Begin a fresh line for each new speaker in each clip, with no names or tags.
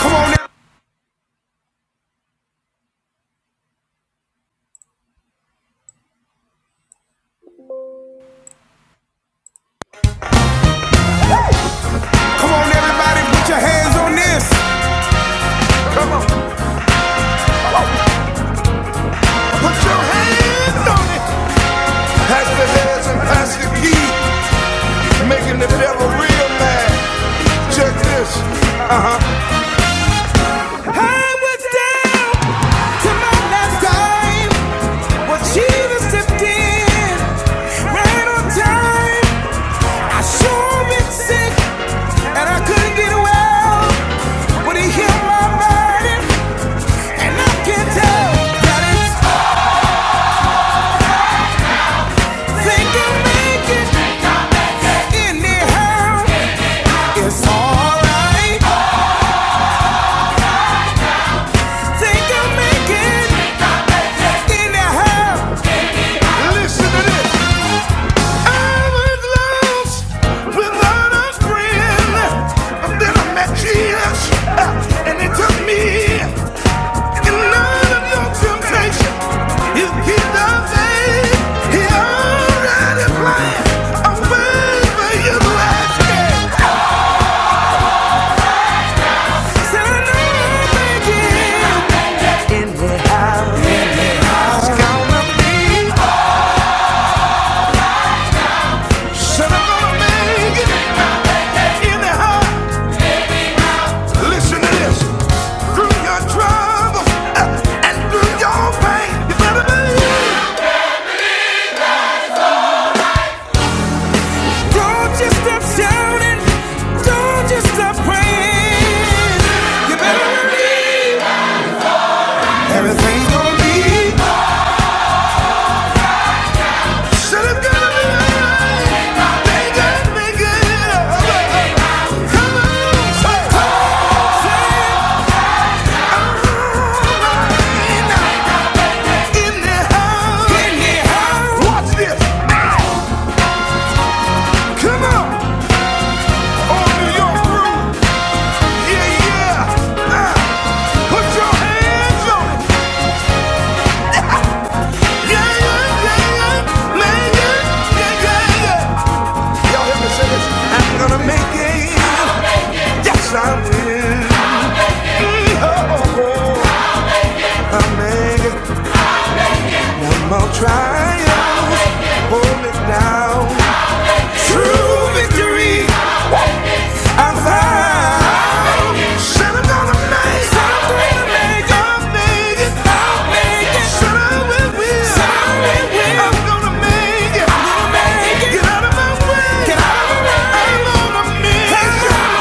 Come on, e- come on, everybody, put your hands on this. Put your hands on. this. Pass the heads and pass the key, making the devil real mad. Check this. I was down to my last dime, What she was stepped in right on time. I sure been sick and I couldn't get well, but he healed my body and I can tell that it's I Away for your life, so now I'm making. in well gonna make Listen to this. Through your troubles uh, and through your pain, you better believe. Don't just stop shouting. Don't just stop praying. You better believe everything's gonna be. awesome. it's gonna be alright. They gotta make it Come on, say, say, alright. in the house. In the house. Watch this. Come on. On New York groove. Yeah, yeah. Uh, put your hands on Yeah, yeah, yeah, yeah. Man, yeah, yeah, yeah, yeah. Y'all hear me say this? I'm gonna make it. Yes, I will. Oh, oh, I made it. One more trial. Hold it down. True victory. I'm gonna make it. i am gonna make it. Get out of my way. I'm on a mission.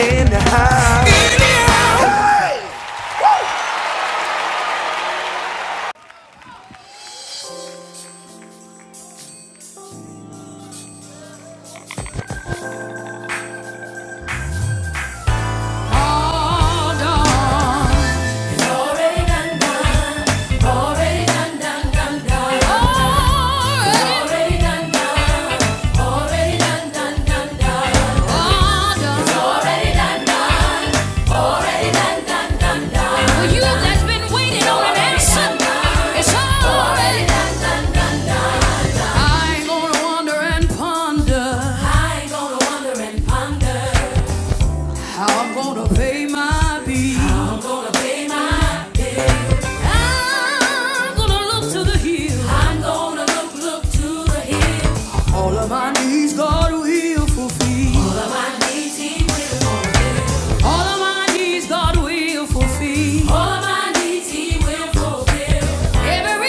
In the house. Hey! Hold on. Already done, done. Already done, done, done, done. Already done, done. Already done, done, done, done. Already done, done. Already done, done, done, done. For you that's been waiting on an answer, it's already Already done, done, done, done, done. I'm gonna wonder and ponder I ain't gonna wonder and ponder. I'm gonna pay my bills. I'm gonna pay my bills. I'm gonna look to the hills. I'm gonna look, look to the hills. All of my needs God will fulfill. All of my needs He will fulfill. All of my needs God will fulfill. All of my needs He will fulfill. Pay my meat.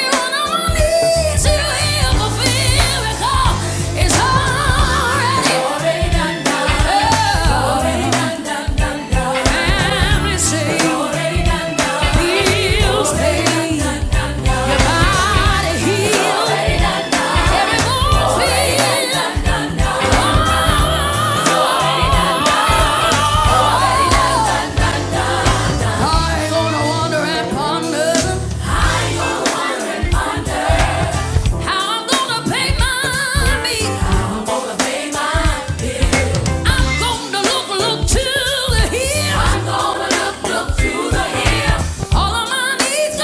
I'm gonna look, look to the hill. I'm gonna look, look to the hill. All of my needs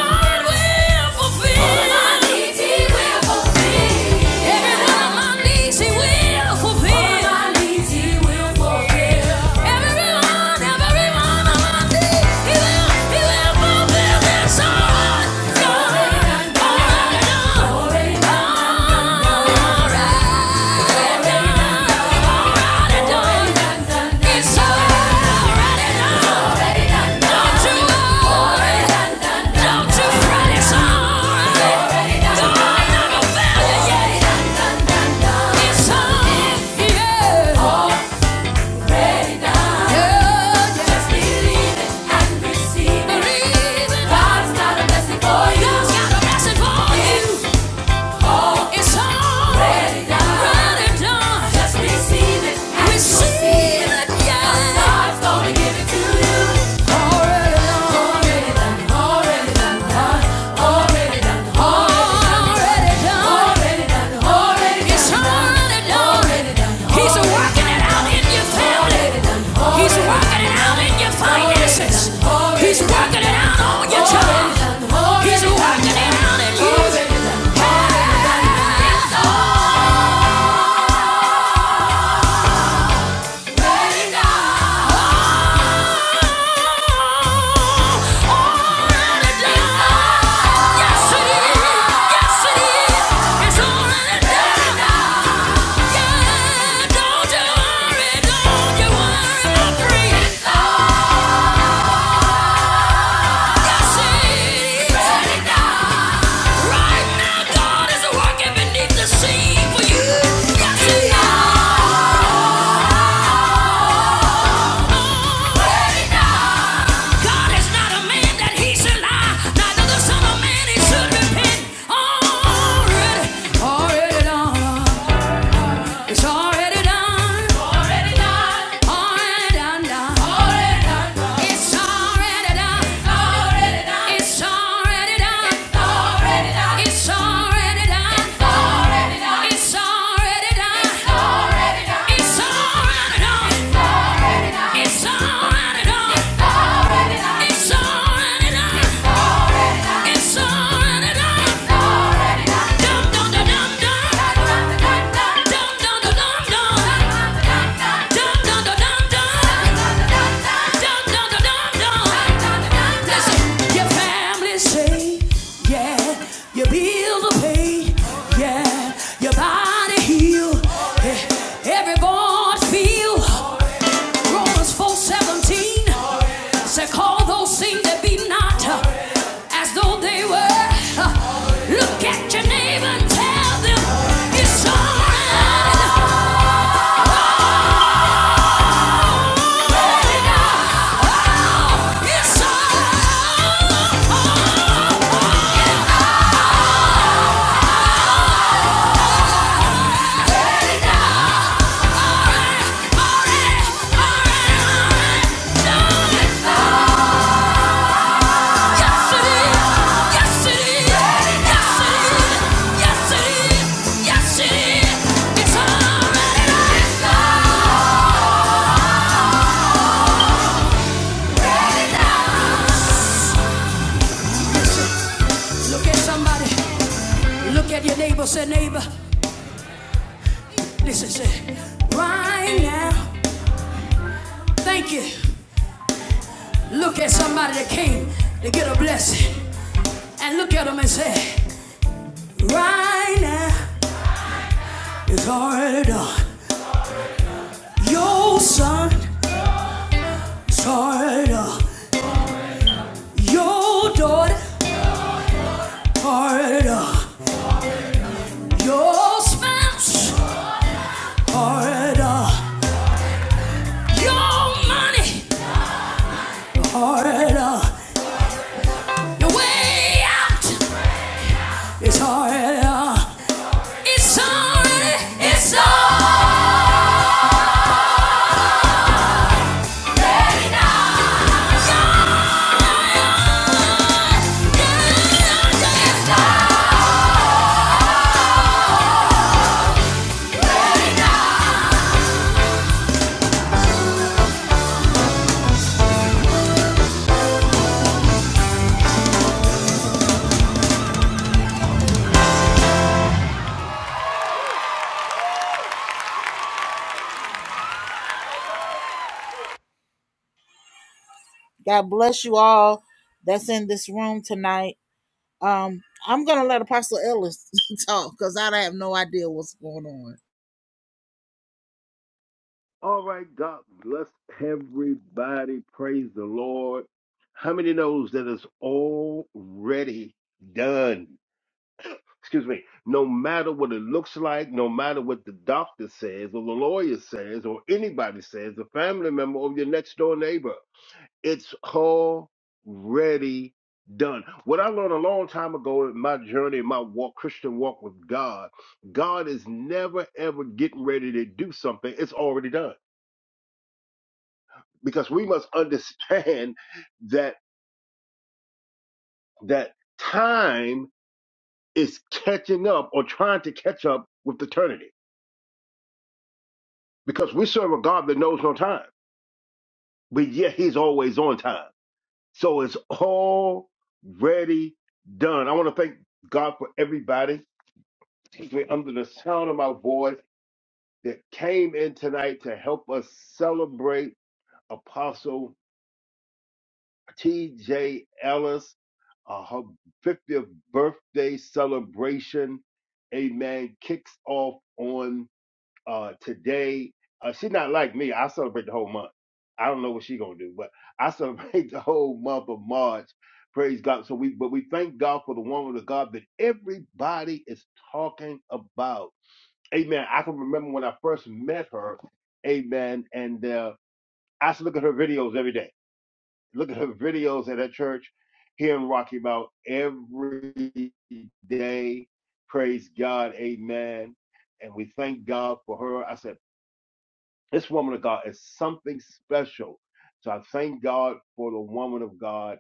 He will fulfill. All of my needs He will fulfill. Every one, every one of my needs He will, He will fulfill. It's already done, already done, already done. Already done. God's got a blessing for you. It's all ready done. Just receive it. Receive it, yeah. God's gonna give it to you. Already done. Already done. Already done. huh? Already done. Already done. Already done. Already done. It's already done. He's a He's working it out in your finances. He's working it out on your job. He's working it out in you. Yes, it is. Yes, it is. It's all in the devil. Yeah, don't you worry, don't you worry, I'm free. Already done. It's already done. Already done. Already done. done. Already done. done. It's already done. Already done. It's already done. Already done. It's already done. Already done. It's already done. Already done. It's already done. It's already done. It's already done. It's already done. It's already done. Listen, your family say, yeah, your bills are paid. Yeah, your body heal. Eh, Every bone feel. Romans 4:17 said, Say, call those things that be not uh, as though they were. Uh, Look at your neighbor and tell them it's alright. It's alright. Darling, yes it is. Yes it is. Yes it is. Yes it is. Yes it is. It's alright. Look at somebody. Look at your neighbor. Say, neighbor, listen, say, right now, thank you. Look at somebody that came to get a blessing. And look at them and say, right now, it's already done. Your son is already done. Your daughter already done. Your spouse already done. Your money already done. Your way out it's already done. It's already, it's all. Yeah, yeah, yeah.
All right, God bless everybody. Praise the Lord. How many knows that it's already done? Excuse me. No matter what it looks like, no matter what the doctor says or the lawyer says or anybody says, the family member or your next door neighbor, it's already done. What I learned a long time ago in my journey, in my walk, Christian walk with God, God is never ever getting ready to do something. It's already done. because we must understand that that time is catching up or trying to catch up with eternity because we serve a God that knows no time, but yet he's always on time. So it's already done. I want to thank God for everybody, particularly under the sound of my voice, that came in tonight to help us celebrate Apostle T.J. Ellis, uh, her 50th birthday celebration. Amen. Kicks off on uh, today. Uh, she's not like me. I celebrate the whole month. I don't know what she's gonna do, but I celebrate the whole month of March. Praise God. So we, but we thank God for the woman of God that everybody is talking about. Amen. I can remember when I first met her. Amen. And uh, I used to look at her videos every day. Look at her videos at that church here in Rocky Mount every day. Praise God. Amen. And we thank God for her. I said, this woman of God is something special. So I thank God for the woman of God.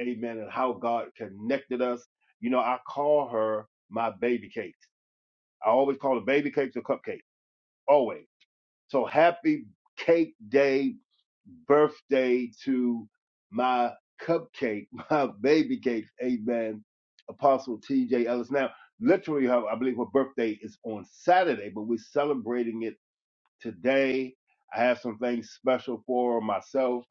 Amen. And how God connected us. You know, I call her my baby cakes. I always call her baby cakes or cupcakes. Always. So happy cake day, birthday to my cupcake, my baby cake. Amen. Apostle T.J. Ellis. Now, literally, her, I believe her birthday is on Saturday, but we're celebrating it Today, I have some things special for myself,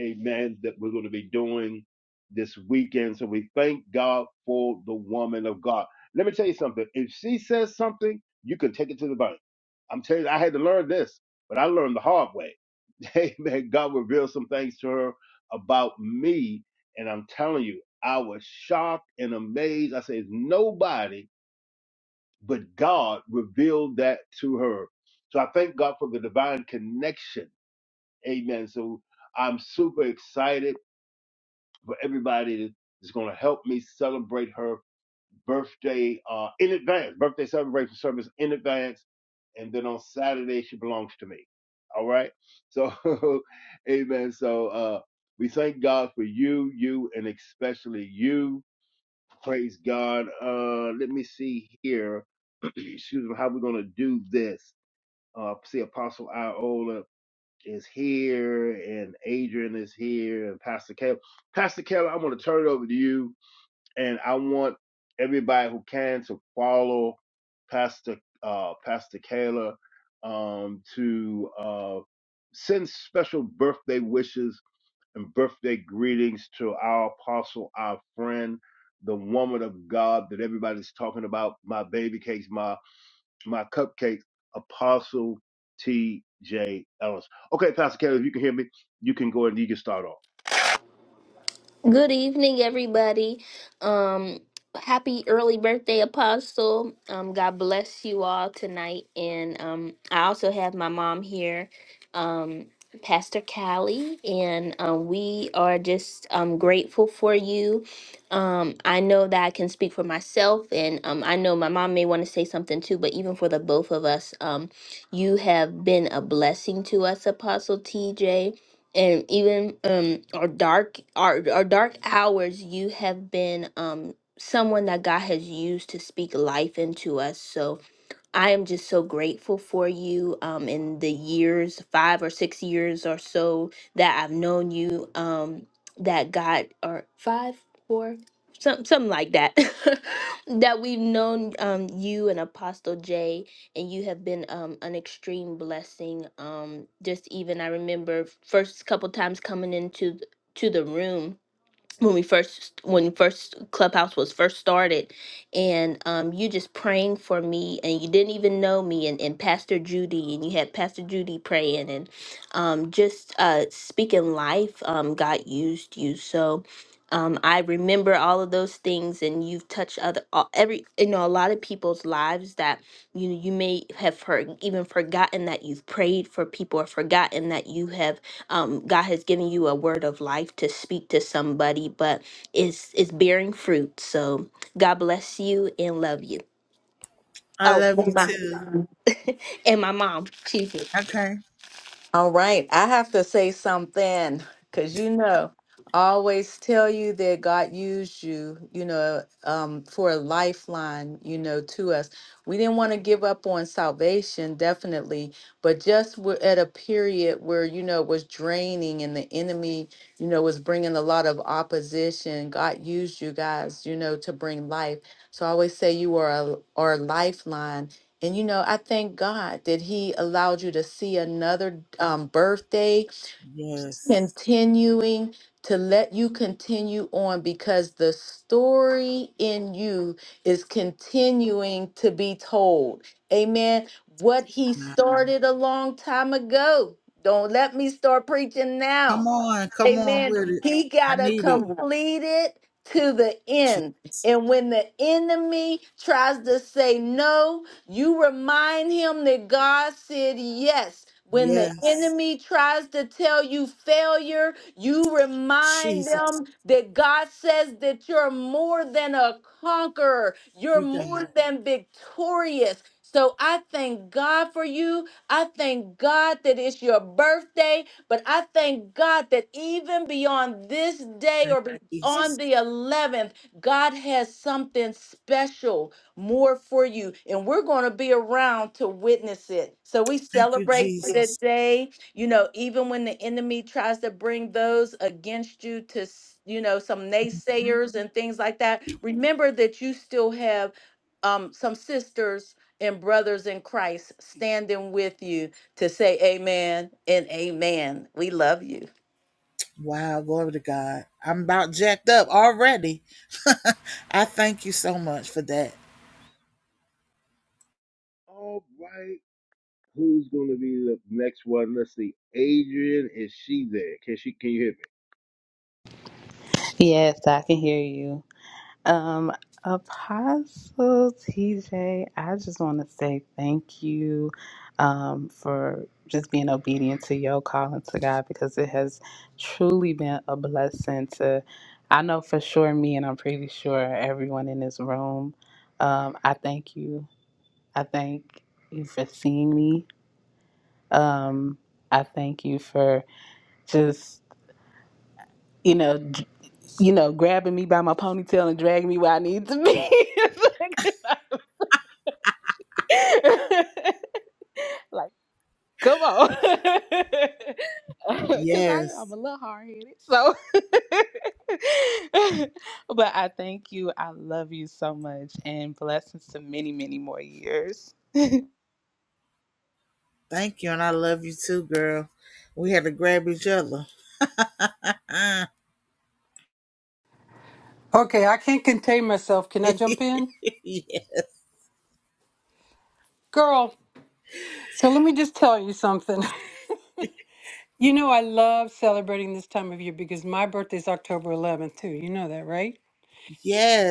amen, that we're going to be doing this weekend. So we thank God for the woman of God. Let me tell you something. If she says something, you can take it to the bank. I'm telling you, I had to learn this, but I learned the hard way. Amen. God revealed some things to her about me. And I'm telling you, I was shocked and amazed. I said, nobody but God revealed that to her. So I thank God for the divine connection. Amen. So I'm super excited for everybody that's going to help me celebrate her birthday uh, in advance, birthday celebration service in advance. And then on Saturday, she belongs to me. All right. So, amen. So uh, we thank God for you, you, and especially you. Praise God. Uh, let me see here excuse me, how we're going to do this. Uh, see, Apostle Iola is here, and Adrian is here, and Pastor Keller. Pastor Keller, I'm going to turn it over to you, and I want everybody who can to follow Pastor uh, Pastor Keller um, to uh, send special birthday wishes and birthday greetings to our apostle, our friend, the woman of God that everybody's talking about, my baby cakes, my my cupcakes, Apostle T.J. Ellis. Okay, Pastor Kelly, if you can hear me, you can go and you can start off.
Good evening, everybody. Um, happy early birthday, Apostle. Um, God bless you all tonight. And um, I also have my mom here, um, Pastor Callie, and um, we are just um, grateful for you. Um, I know that I can speak for myself, and um, I know my mom may want to say something too, but even for the both of us, um, you have been a blessing to us, Apostle TJ and even um our dark our, our dark hours you have been um someone that god has used to speak life into us so I am just so grateful for you um, in the years, five or six years or so that I've known you, um, that God, or five, four, some, something like that, that we've known um, you and Apostle Jay, and you have been um, an extreme blessing. Um, just even, I remember first couple times coming into th- to the room when we first when first clubhouse was first started and um, you just praying for me and you didn't even know me and, and pastor judy and you had pastor judy praying and um, just uh, speaking life um, god used you so um, i remember all of those things and you've touched other all- every you know a lot of people's lives that you you may have heard even forgotten that you've prayed for people or forgotten that you have um, God has given you a word of life to speak to somebody, but it's it's bearing fruit. So God bless you and love you. Oh, and my and my mom, too. All right. I have to say something because you know, I always tell you that God used you, you know, um, for a lifeline, you know, to us. We didn't want to give up on salvation, definitely, but just we're at a period where, you know, it was draining and the enemy, you know, was bringing a lot of opposition. God used you guys, you know, to bring life. So I always say you are a, are a lifeline and you know, I thank God that He allowed you to see another um, birthday, continuing to let you continue on because the story in you is continuing to be told. Amen. What He started a long time ago. Don't let me start preaching now. Amen. He got to complete it to the end. And when the enemy tries to say no, you remind him that God said yes. When the Yes. enemy tries to tell you failure, you remind them that God says that you're more than a conqueror, you're more Amen. than victorious. So I thank God for you. I thank God that it's your birthday. But I thank God that even beyond this day or be- on the 11th, God has something special more for you. And we're going to be around to witness it. So we celebrate the day. You know, even when the enemy tries to bring those against you to, s- you know, some naysayers and things like that, remember that you still have um, some sisters and brothers in Christ standing with you to say amen and amen. We love you.
All right. Who's going to be the next one? Let's see. Adrian, is she there? Can she? Can you hear me?
Yes, I can hear you. Um, Apostle TJ, I just want to say thank you um, for just being obedient to your calling to God because it has truly been a blessing to, I know for sure, me and I'm pretty sure everyone in this room. Um, I thank you. I thank you for seeing me. Um, I thank you for just you know, d- you know, grabbing me by my ponytail and dragging me where I need to be. It's like, like, like, come on, because I am a little hard headed. So, but I thank you. I love you so much, and blessings to many, many more years.
Okay, I can't contain myself. Can I jump in? Girl, so let me just tell you something. You know, I love celebrating this time of year because my birthday's October 11th, too. You know that, right?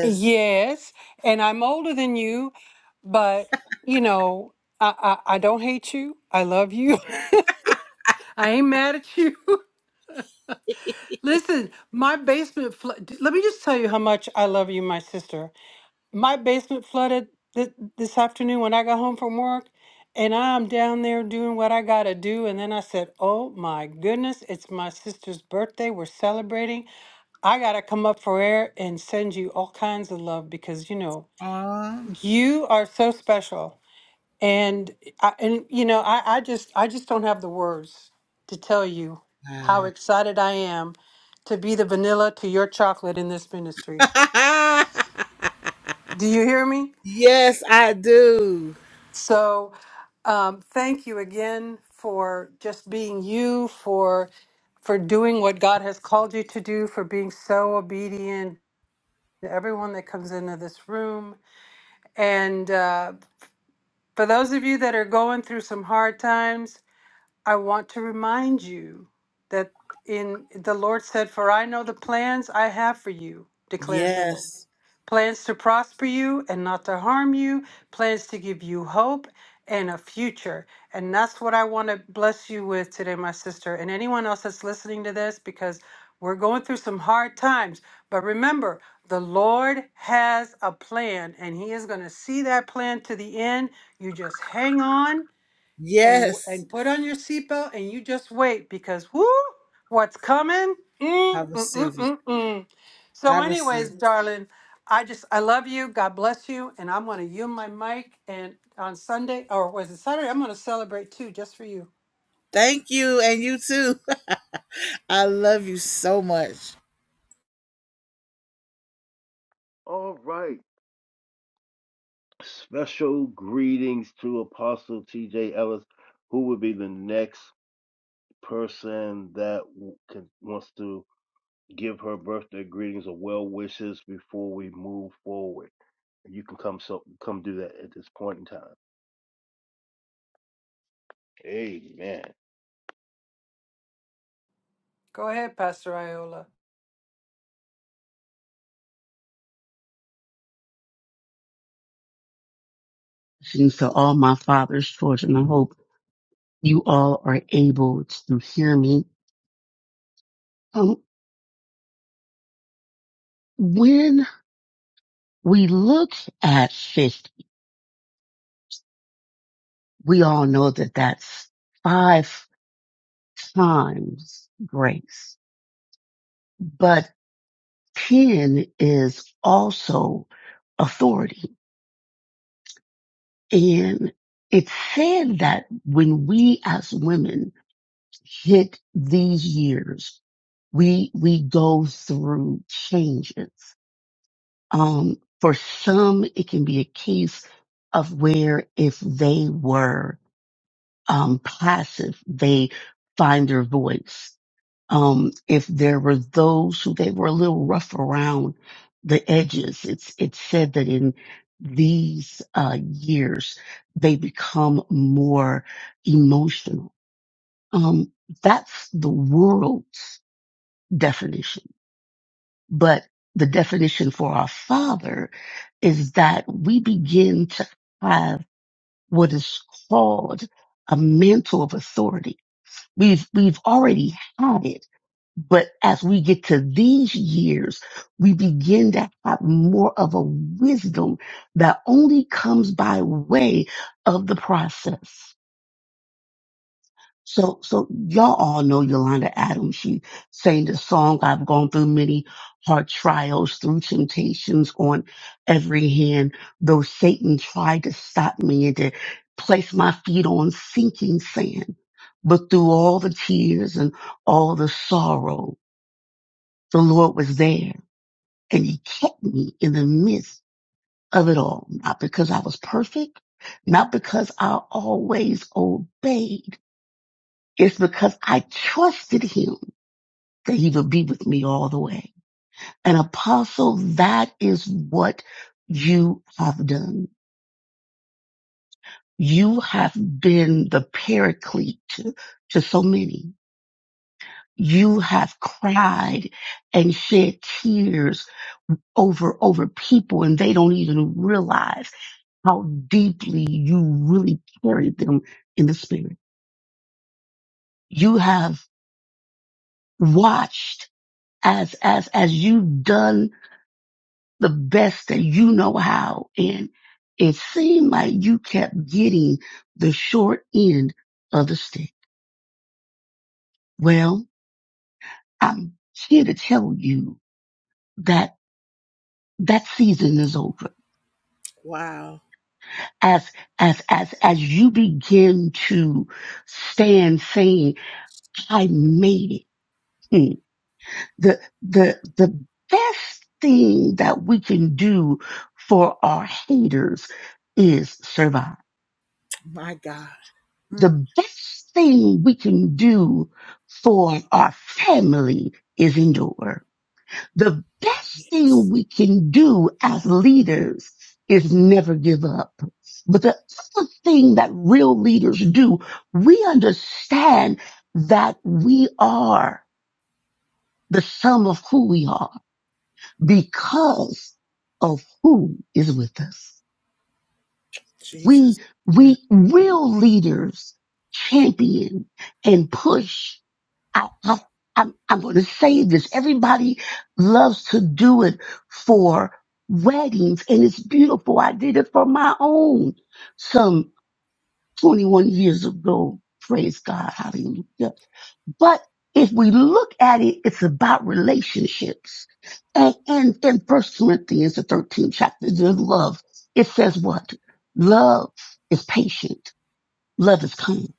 Yes. And I'm older than you, but, you know, I, I, I don't hate you. I love you. I ain't mad at you. Listen, my basement, flo- let me just tell you how much I love you, my sister. my basement flooded this, this afternoon when I got home from work, and I'm down there doing what I gotta do. And then I said, Oh my goodness, it's my sister's birthday. We're celebrating. I gotta come up for air and send you all kinds of love because you know, you are so special. And I, and you know, I, I just I just don't have the words to tell you how excited I am to be the vanilla to your chocolate in this ministry. Do you hear me? So, um, thank you again for just being you, for for doing what God has called you to do, for being so obedient to everyone that comes into this room. And uh, for those of you that are going through some hard times, I want to remind you that in the Lord said, "For I know the plans I have for you," declares the Lord plans to prosper you and not to harm you, plans to give you hope and a future. And that's what I want to bless you with today, my sister, and anyone else that's listening to this, because we're going through some hard times. But remember, the Lord has a plan, and He is going to see that plan to the end. You just hang on and and put on your seatbelt and you just wait because whoo, what's coming? Mm, mm, mm, mm, mm. So, anyways, darling, I just I love you. God bless you, and I'm gonna yield my mic. And on Sunday, or was it Saturday? I'm gonna celebrate too, just for you.
All right. Special greetings to Apostle T.J. Ellis, who will be the next person that w- can, wants to give her birthday greetings or well wishes before we move forward. You can come so come do that at this point in time. Amen.
Go ahead, Pastor Iola.
And to all my father's children, I hope you all are able to hear me. Um, when we look at 50, we all know that that's five times grace, but 10 is also authority. And it's said that when we as women hit these years, we, we go through changes Um, for some, it can be a case of where if they were um, passive, they find their voice. Um, if there were those who they were a little rough around the edges, it's it's said that in these uh, years they become more emotional. Um, that's the world's definition but the definition for our Father is that we begin to have what is called a mantle of authority. We've, we've already had it, but as we get to these years, we begin to have more of a wisdom that only comes by way of the process. So, so y'all all know Yolanda Adams. She sang the song, I've gone through many hard trials, through temptations on every hand, though Satan tried to stop me and to place my feet on sinking sand. But through all the tears and all the sorrow, the Lord was there and he kept me in the midst of it all, not because I was perfect, not because I always obeyed. It's because I trusted him that he would be with me all the way. And apostle, that is what you have done. You have been the paraclete to, to so many. You have cried and shed tears over, over people and they don't even realize how deeply you really carried them in the spirit. You have watched as, as, as you've done the best that you know how. And it seemed like you kept getting the short end of the stick. Well, I'm here to tell you that that season is over. As, as, as, as you begin to stand saying, I made it. Hmm. The, the, the best thing that we can do for our haters is survive. the best thing we can do for our family is endure. The best thing we can do as leaders is never give up. But the other thing that real leaders do, we understand that we are the sum of who we are because of who is with us. We, we, real leaders champion and push I, I, I'm, I'm going to say this. Everybody loves to do it for weddings, and it's beautiful. I did it for my own some 21 years ago. Praise God. Hallelujah. But if we look at it, it's about relationships. And, and in First Corinthians, the 13th chapter, the love, it says what? Love is patient. Love is kind.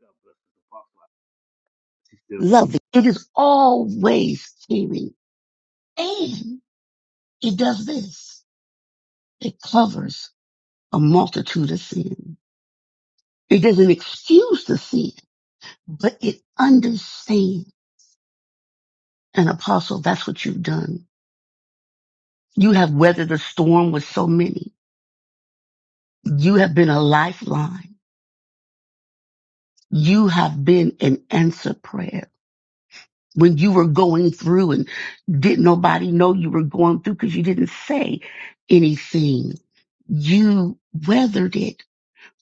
God bless us, Apostle. Isaac Still.
Love, it is always caring It does this. It covers a multitude of sin. It doesn't excuse the sin, but it understands. And apostle, that's what you've done. You have weathered the storm with so many. You have been a lifeline. You have been an answer prayer. When you were going through and didn't nobody know you were going through because you didn't say anything, you weathered it,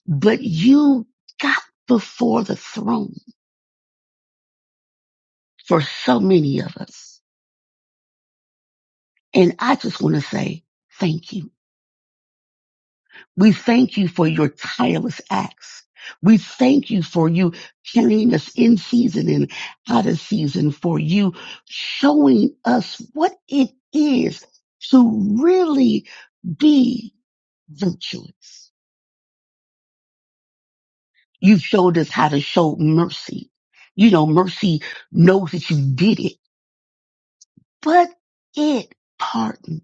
but you got before the throne for so many of us. And I just want to say thank you. We thank you for your tireless acts. We thank you for you carrying us in season and out of season, for you showing us what it is to really be virtuous. You showed us how to show mercy. You know, mercy knows that you did it, but it pardons.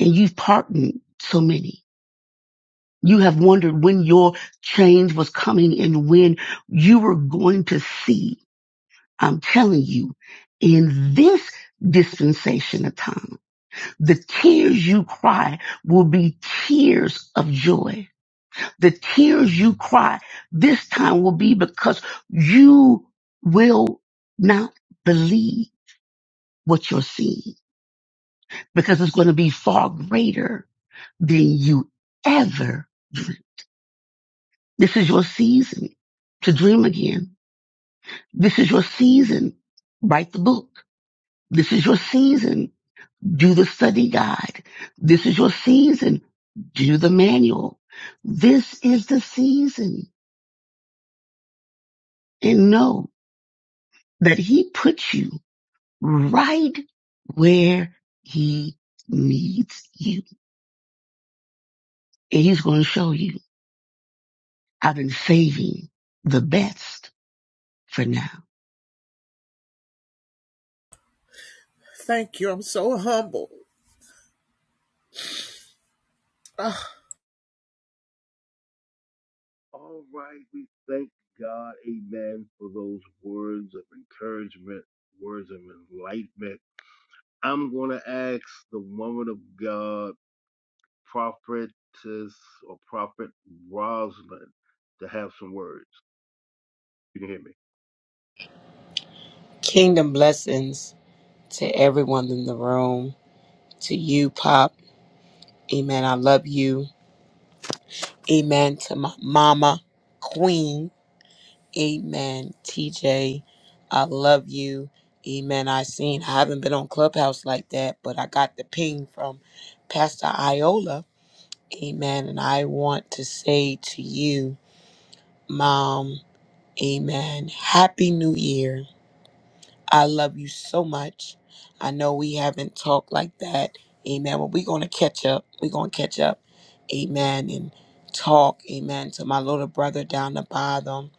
And you've pardoned so many. You have wondered when your change was coming and when you were going to see. I'm telling you, in this dispensation of time, the tears you cry will be tears of joy. The tears you cry this time will be because you will not believe what you're seeing because it's going to be far greater than you ever. This is your season to dream again This is your season. Write the book. This is your season. Do the study guide. This is your season. Do the manual. This is the season. And know that he puts you right where he needs you. And he's going to show you. I've been saving the best for now.
All right, we thank God, Amen, for those words of encouragement, words of enlightenment. I'm going to ask the woman of God, prophetess or prophet Rosalind, to have some words. You can hear me.
Kingdom blessings to everyone in the room, to you, Pop. Amen. I love you. Amen. To my mama, Queen. Amen. TJ, I love you. Amen. I seen, I haven't been on Clubhouse like that, but I got the ping from Pastor Iola. Amen. And I want to say to you, Mom, Amen. Happy New Year. I love you so much. I know we haven't talked like that. Amen. But we're going to catch up. We're going to catch up. Amen. And talk. Amen. To my little brother down the bottom.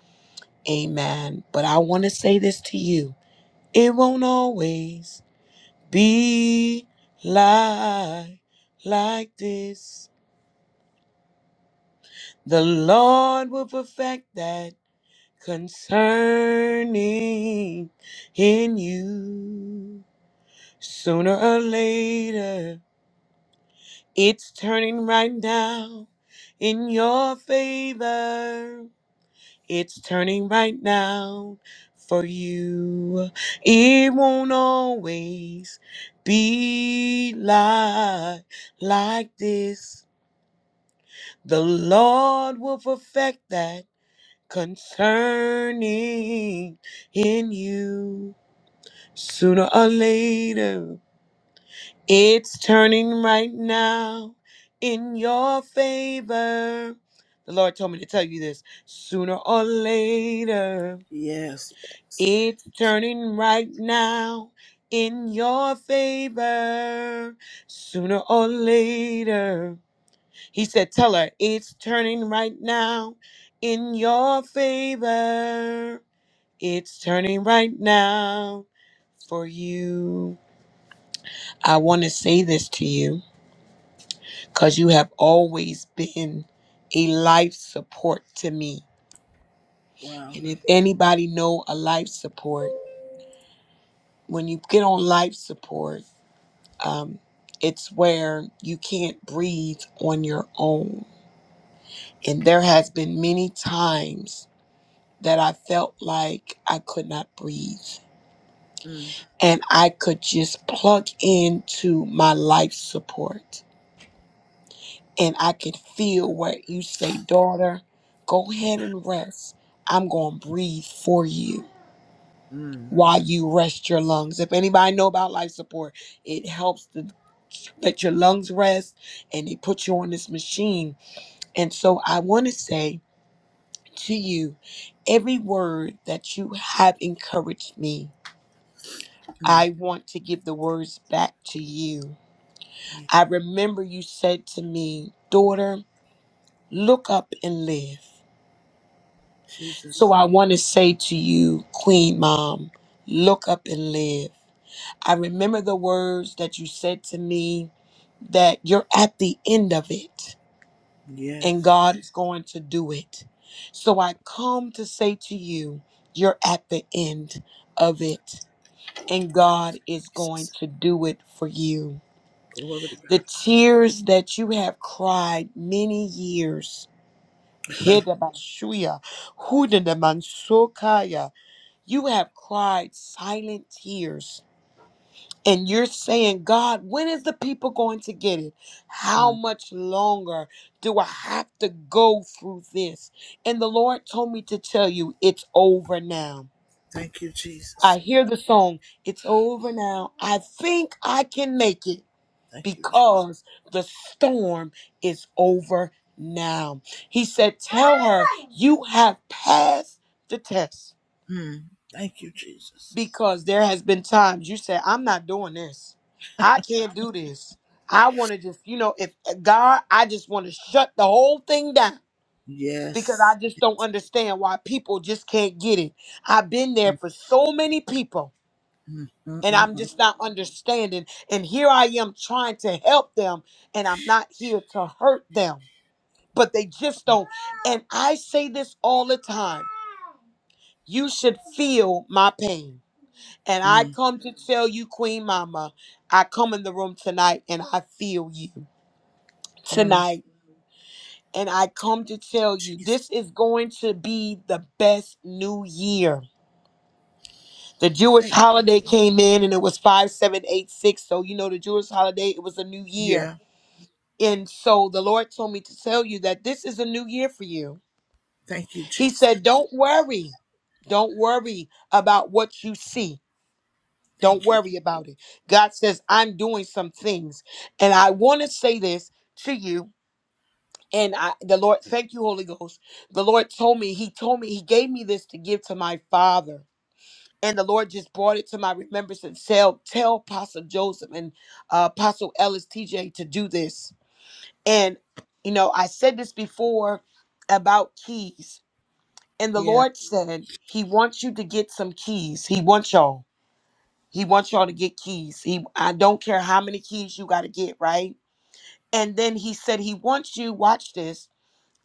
Amen. But I want to say this to you it won't always be like, like this. The Lord will perfect that concerning in you. Sooner or later, it's turning right now in your favor. It's turning right now for you. It won't always be like, like this. The Lord will perfect that concerning in you. Sooner or later, It's turning right now in your favor. The Lord told me to tell you this sooner or later. It's turning right now in your favor. Sooner or later. He said, Tell her it's turning right now in your favor. It's turning right now for you. I want to say this to you. because you have always been a life support to me. And if anybody know a life support, when you get on life support, um, it's where you can't breathe on your own. And there has been many times that I felt like I could not breathe. And I could just plug into my life support. And I could feel where you say, daughter, go ahead and rest. I'm going to breathe for you while you rest your lungs. If anybody know about life support, it helps to let your lungs rest and they put you on this machine. And so I want to say to you, every word that you have encouraged me, I want to give the words back to you. I remember you said to me, daughter, look up and live. So I want to say to you, Queen Mom, look up and live. I remember the words that you said to me that you're at the end of it and God is going to do it. So I come to say to you, you're at the end of it and God is going to do it for you. The tears that you have cried many years. Hidabashuya, Hudanamansukaya, You have cried silent tears. And you're saying, God, when is the people going to get it? How much longer do I have to go through this? And the Lord told me to tell you, it's over now. I hear the song, it's over now. I think I can make it because the storm is over now. He said, Tell her you have passed the test. because there has been times you said i'm not doing this i can't do this i want to just you know if eh, god i just want to shut the whole thing down because i just don't understand why people just can't get it i've been there for so many people and i'm just not understanding and here i am trying to help them and i'm not here to hurt them but they just don't and i say this all the time you should feel my pain And I come to tell you, Queen Mama, I come in the room tonight and I feel you tonight. And I come to tell you, this is going to be the best new year. The Jewish holiday came in and it was 5786. So, you know, the Jewish holiday, it was a new year. And so the Lord told me to tell you that this is a new year for you. He said, Don't worry. Don't worry about what you see. Don't worry about it. God says, I'm doing some things. And I want to say this to you. And I, the Lord, thank you, Holy Ghost. The Lord told me, He told me, He gave me this to give to my father. And the Lord just brought it to my remembrance and tell, tell Apostle Joseph and uh, Apostle Ellis TJ to do this. And, you know, I said this before about keys. And the Lord said, He wants you to get some keys. He wants y'all. He wants y'all to get keys. He I don't care how many keys you got to get, right? And then he said he wants you watch this.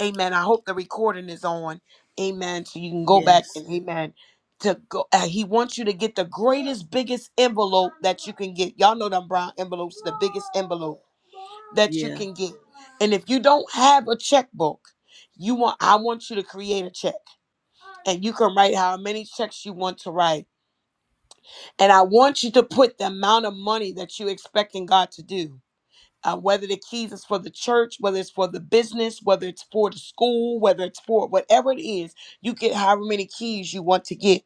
Amen. I hope the recording is on. Amen. So you can go back and amen to go uh, he wants you to get the greatest biggest envelope that you can get. Y'all know them brown envelopes, the biggest envelope that you can get. And if you don't have a checkbook, you want I want you to create a check and you can write how many checks you want to write And I want you to put the amount of money that you're expecting God to do, uh, whether the keys is for the church, whether it's for the business, whether it's for the school, whether it's for whatever it is, you get however many keys you want to get.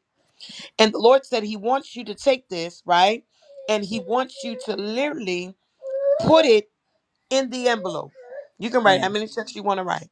And the Lord said He wants you to take this, right? And He wants you to literally put it in the envelope. You can write how many checks you want to write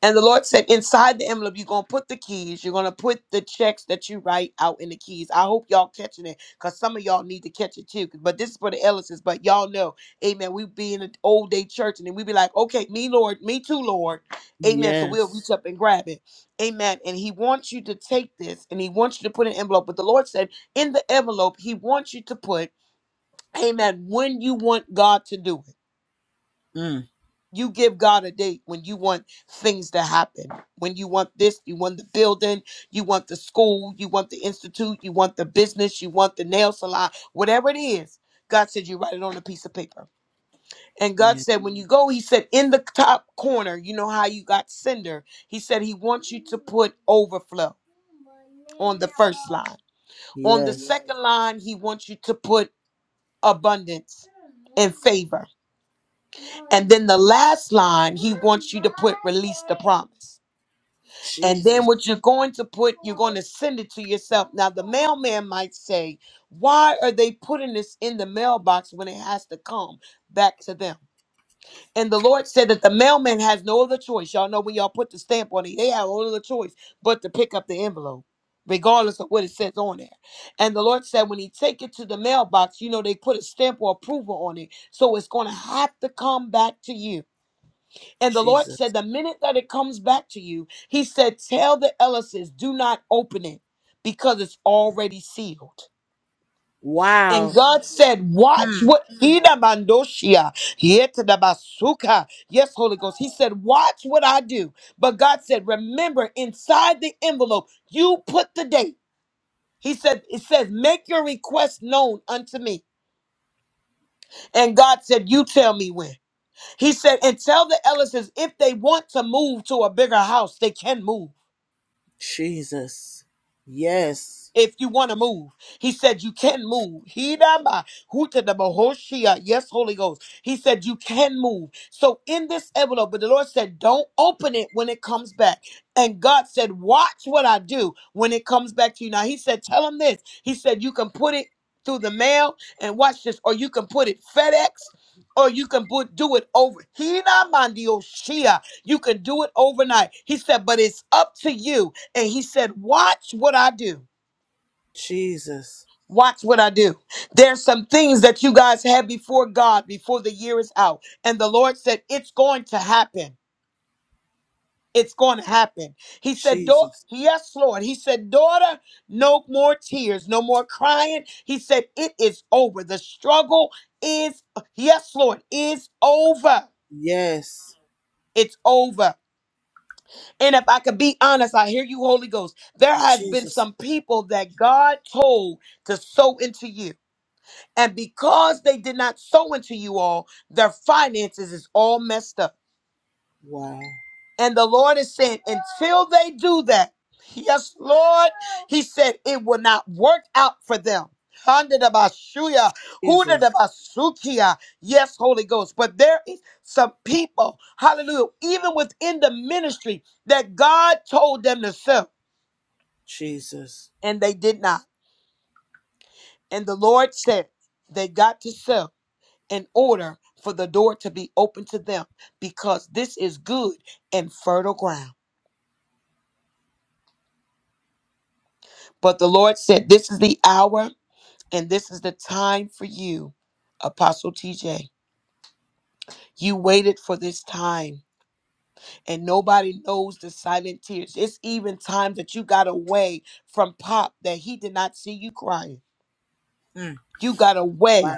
and the Lord said, inside the envelope, you're going to put the keys. You're going to put the checks that you write out in the keys. I hope y'all catching it because some of y'all need to catch it too. But this is for the Ellis's. But y'all know, amen, we be in an old day church and then we be like, okay, me, Lord, me too, Lord. Amen. So we'll reach up and grab it. Amen. And he wants you to take this and he wants you to put an envelope. But the Lord said, in the envelope, he wants you to put, amen, when you want God to do it. You give God a date when you want things to happen. When you want this, you want the building, you want the school, you want the institute, you want the business, you want the nail salon, whatever it is. God said you write it on a piece of paper. And God said when you go, He said in the top corner, you know how you got sender. He said He wants you to put overflow on the first line. On the second line, He wants you to put abundance and favor. And then the last line, he wants you to put release the promise. And then what you're going to put, you're going to send it to yourself. Now, the mailman might say, Why are they putting this in the mailbox when it has to come back to them? And the Lord said that the mailman has no other choice. Y'all know when y'all put the stamp on it, they have no other choice but to pick up the envelope, regardless of what it says on there. And the Lord said, When he take it to the mailbox, you know, they put a stamp or approval on it. So it's going to have to come back to you and the Lord said, the minute that it comes back to you, He said, tell the Ellises, do not open it because it's already sealed. And God said, watch what Ida Mandoshia, Yeta da Basuka. Yes, Holy Ghost. He said, watch what I do. But God said, remember, inside the envelope, you put the date. He said, it says, make your request known unto me. And God said, you tell me when. He said, and tell the Ellises if they want to move to a bigger house, they can move. if you want to move. He said you can move. He da ba, who to the Bahoshia. Yes, Holy Ghost. He said you can move. So in this envelope, but the Lord said, don't open it when it comes back. And God said, watch what I do when it comes back to you. Now he said, tell him this. He said, you can put it through the mail and watch this, or you can put it FedEx. Or you can put, do it over. He da mandio shia. You can do it overnight. He said, but it's up to you. And he said, watch what I do. Watch what I do. There's some things that you guys have before God before the year is out. And the Lord said, It's going to happen. It's going to happen. He said, "Daugh- Yes, Lord. He said, Daughter, no more tears, no more crying. He said, It is over. The struggle is, yes, Lord, is over. It's over. And if I could be honest, I hear you, Holy Ghost. There has been some people that God told to sow into you. And because they did not sow into you all, their finances is all messed up. And the Lord is saying, until they do that, yes, Lord, He said, it will not work out for them. Handedabashuya, hudedabasukiya. Yes, Holy Ghost. But there is some people, hallelujah, even within the ministry that God told them to sell, and they did not. And the Lord said, they got to sell. in order for the door to be open to them because this is good and fertile ground. But the Lord said, This is the hour and this is the time for you, Apostle TJ. You waited for this time, and nobody knows the silent tears. It's even time that you got away from Pop that he did not see you crying. You got away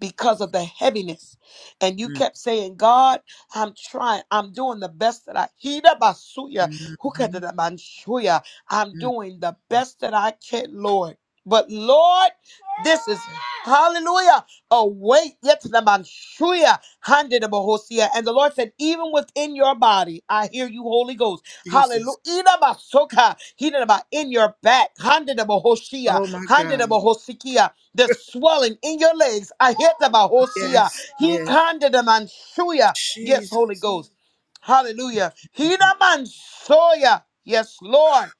because of the heaviness. And you kept saying, God, I'm trying. I'm doing the best that I Hida basuya, hukadada manshuya. I'm doing the best that I can, Lord. But Lord, this is hallelujah. A weight yet to the manshuya handed a bohosia. And the Lord said, even within your body, I hear you, Holy Ghost. Hallelujah. Ida basoka, hida ba- In your back, handed a bohosia, handed a bohosikia the swelling in your legs. I hit the bahosia. He kanda the Mansuya. Yes, Holy Ghost. Hallelujah. He the mansoya. Yes, Lord.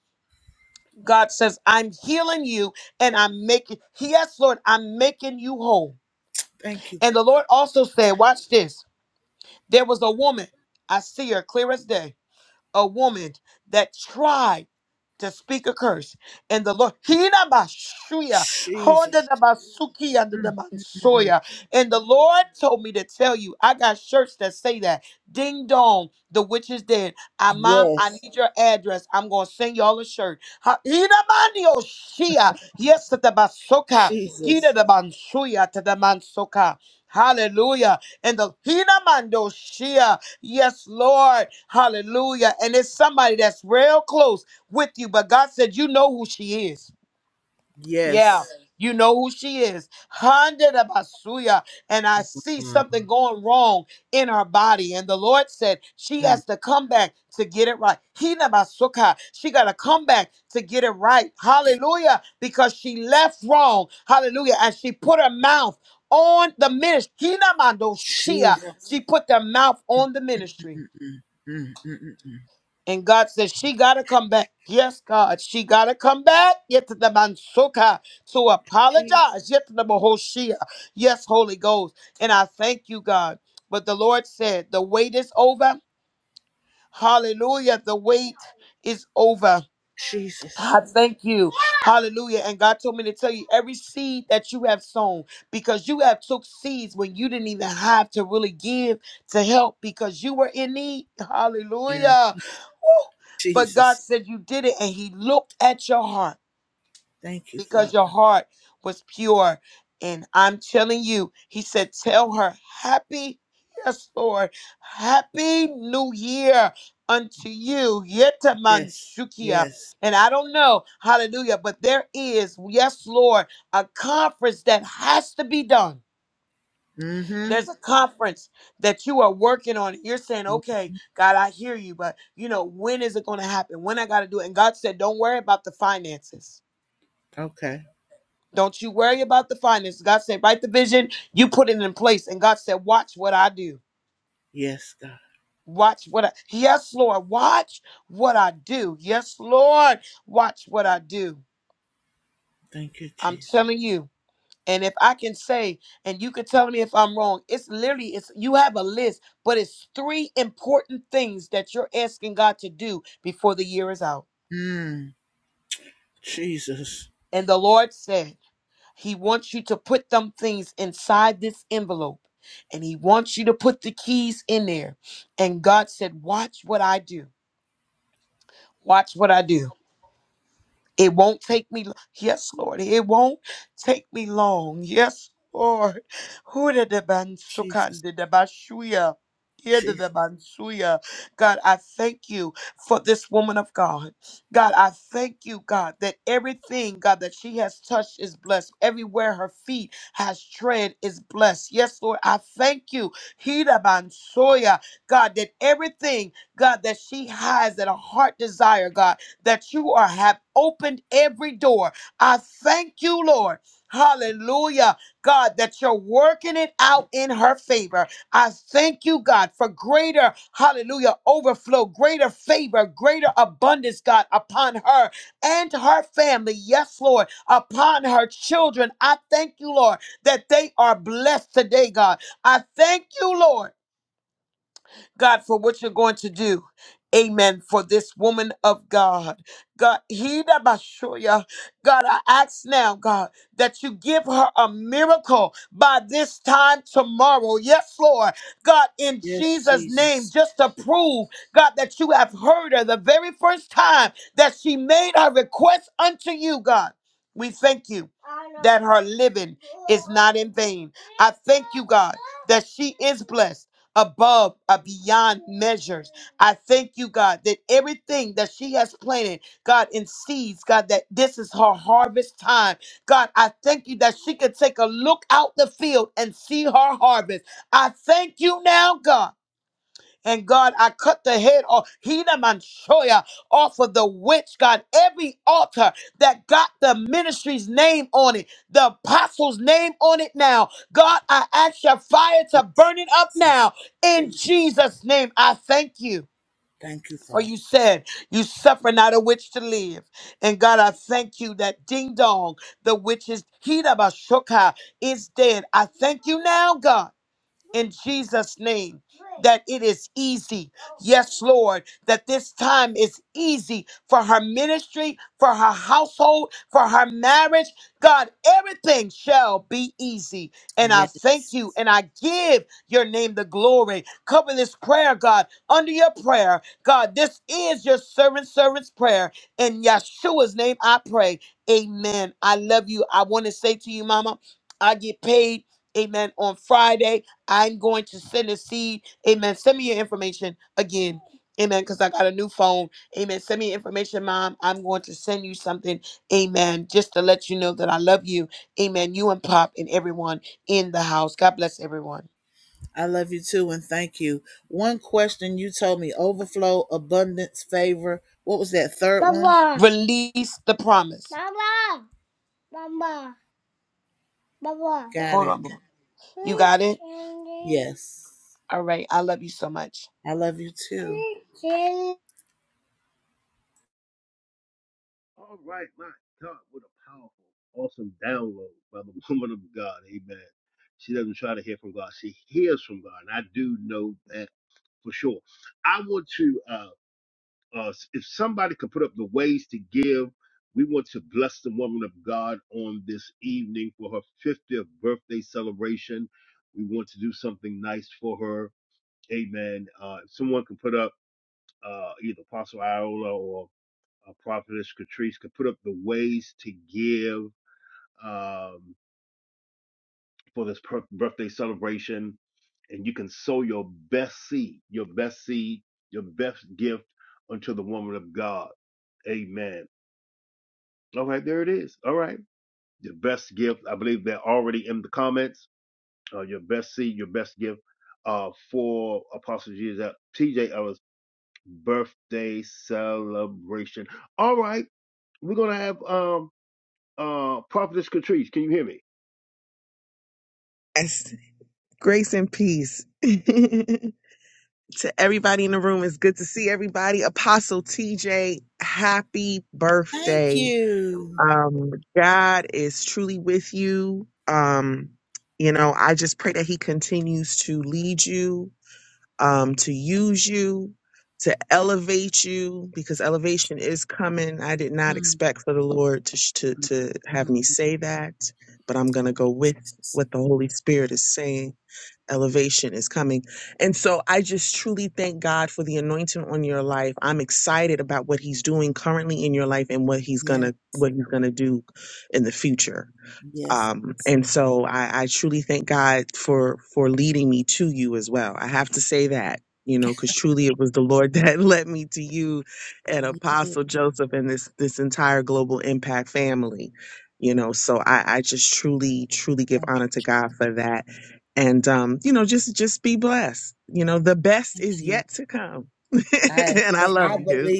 God says, I'm healing you and I'm making, yes, Lord, I'm making you whole. And the Lord also said, watch this. There was a woman. I see her clear as day a woman that tried to speak a curse and the Lord Hina Bashuya Honda da Basuki under the Mansoya. And the Lord told me to tell you, I got shirts that say that. Ding dong, the witch is dead. I mom, I need your address. I'm gonna send y'all a shirt. Ha- Hina Mani Oshia. Yes, to the Basoka. Hina the Mansuya to the Mansoka. Hallelujah. And the Hina Mando Yes, Lord. Hallelujah. And it's somebody that's real close with you, but God said, You know who she is. Yeah. You know who she is. Hundred of Basuya. And I see something going wrong in her body. And the Lord said, She has to come back to get it right. Hina Basuka. She got to come back to get it right. Hallelujah. Because she left wrong. Hallelujah. And she put her mouth on the ministry. Hina Mandoshia. She put their mouth on the ministry. And God says She got to come back. Yes, God, she got to come back. Yet to the Mansuka to apologize. Yet to the Mahoshia. Yes, Holy Ghost. And I thank you, God. But the Lord said, The wait is over. Hallelujah. The wait is over. I thank you. Hallelujah. And God told me to tell you every seed that you have sown, because you have took seeds when you didn't even have to really give to help because you were in need. Hallelujah. Woo. But God said you did it and he looked at your heart because your heart was pure. And I'm telling you, he said, Tell her, Happy, yes, Lord, Happy New Year unto you. Yetamansukia." And I don't know, hallelujah, but there is, yes, Lord, a conference that has to be done. There's a conference that you are working on. You're saying, okay, God, I hear you, but you know, when is it going to happen? When I got to do it? And God said, don't worry about the finances. Don't you worry about the finances. God said, write the vision. You put it in place. And God said, watch what I do. Watch what I Yes, Lord. Watch what I do. Yes, Lord. Watch what I do. I'm telling you. And if I can say, and you can tell me if I'm wrong, it's literally it's you have a list, but it's three important things that you're asking God to do before the year is out. And the Lord said. He wants you to put them things inside this envelope and he wants you to put the keys in there. And God said, Watch what I do. Watch what I do. It won't take me. lo- Yes, Lord. It won't take me long. Yes, Lord. Hudadebansukandidabashuya. Yedadebansuya. God, I thank you for this woman of God. God, I thank you, God, that everything, God, that she has touched is blessed. Everywhere her feet has tread is blessed. Yes, Lord, I thank you. Hidabansoya. God, that everything, God, that she has that a heart desire, God that you are have opened every door. I thank you, Lord. Hallelujah, God, that you're working it out in her favor. I thank you, God, for greater, hallelujah, overflow, greater favor, greater abundance, God, upon her and her family. Yes, Lord, upon her children. I thank you, Lord, that they are blessed today, God. I thank you, Lord. God, for what you're going to do. Amen. For this woman of God. God, Hida Bashoya. God, I ask now, God, that you give her a miracle by this time tomorrow. Yes, Lord. God, in Jesus' name, just to prove, God, that you have heard her the very first time that she made her request unto you, God. We thank you that her living is not in vain. I thank you, God, that she is blessed above, uh, beyond measures. I thank you, God, that everything that she has planted, God, in seeds, God, that this is her harvest time. God, I thank you that she could take a look out the field and see her harvest. I thank you now, God. And God, I cut the head off, Hina Manchoya, off of the witch, God. Every altar that got the ministry's name on it, the apostle's name on it now. God, I ask your fire to burn it up now. In Jesus' name, I thank you. For you said, you suffer not a witch to live. And God, I thank you that ding dong, the witch is, Hina Bashoka is dead. I thank you now, God in Jesus' name that it is easy. Yes, Lord, that this time is easy for her ministry, for her household, for her marriage. God, everything shall be easy. And I thank you and I give your name the glory. Cover this prayer, God, under your prayer. God, this is your servant, servant's prayer. In Yeshua's name, I pray. Amen. I love you. I want to say to you, Mama, I get paid. Amen. On Friday. I'm going to send a seed. Amen. Send me your information again. Amen. Because I got a new phone. Amen. Send me your information, Mom. I'm going to send you something. Amen. Just to let you know that I love you. Amen. You and Pop and everyone in the house. God bless everyone. Mama. Release the promise. Mama. Mama. Mama. Hold on. Mom. You got it? All right. I love you so much.
All right, my God, what a powerful, awesome download by the woman of God, Amen. She doesn't try to hear from God; she hears from God, and I do know that. for sure. I want to, uh, uh, if somebody could put up the ways to give, we want to bless the woman of God on this evening for her 50th birthday celebration. We want to do something nice for her. Amen. Uh, if someone can put up uh, either Apostle Iola or uh, Prophetess Catrice could put up the ways to give. Um, for this per- birthday celebration and you can sow your best seed, your best seed, your best gift unto the woman of God. Amen. All right, there it is. All right. Your best gift. I believe they're already in the comments. Uh, your best seed, your best gift uh, for Apostle Jesus, TJ Ellis' birthday celebration. All right. We're going to have um, uh, Prophetess Catrice. Can you hear me?
Yes. Grace and peace to everybody in the room. It's good to see everybody. Apostle TJ, happy birthday. Um, God is truly with you. Um, you know, I just pray that He continues to lead you, um, to use you, to elevate you, because elevation is coming. I did not expect for the Lord to sh- to, to have me say that, but I'm gonna go with what the Holy Spirit is saying elevation is coming. And so I just truly thank God for the anointing on your life. I'm excited about what he's doing currently in your life and what he's going to what he's going to do in the future um, and so I, I truly thank God for for leading me to you as well. I have to say that you know because truly it was the Lord that led me to you and Apostle Joseph and this this entire global impact family. You know, so I, I just truly truly give honor to God for that, and um, you know just just be blessed. You know, the best is yet to come, and I love you.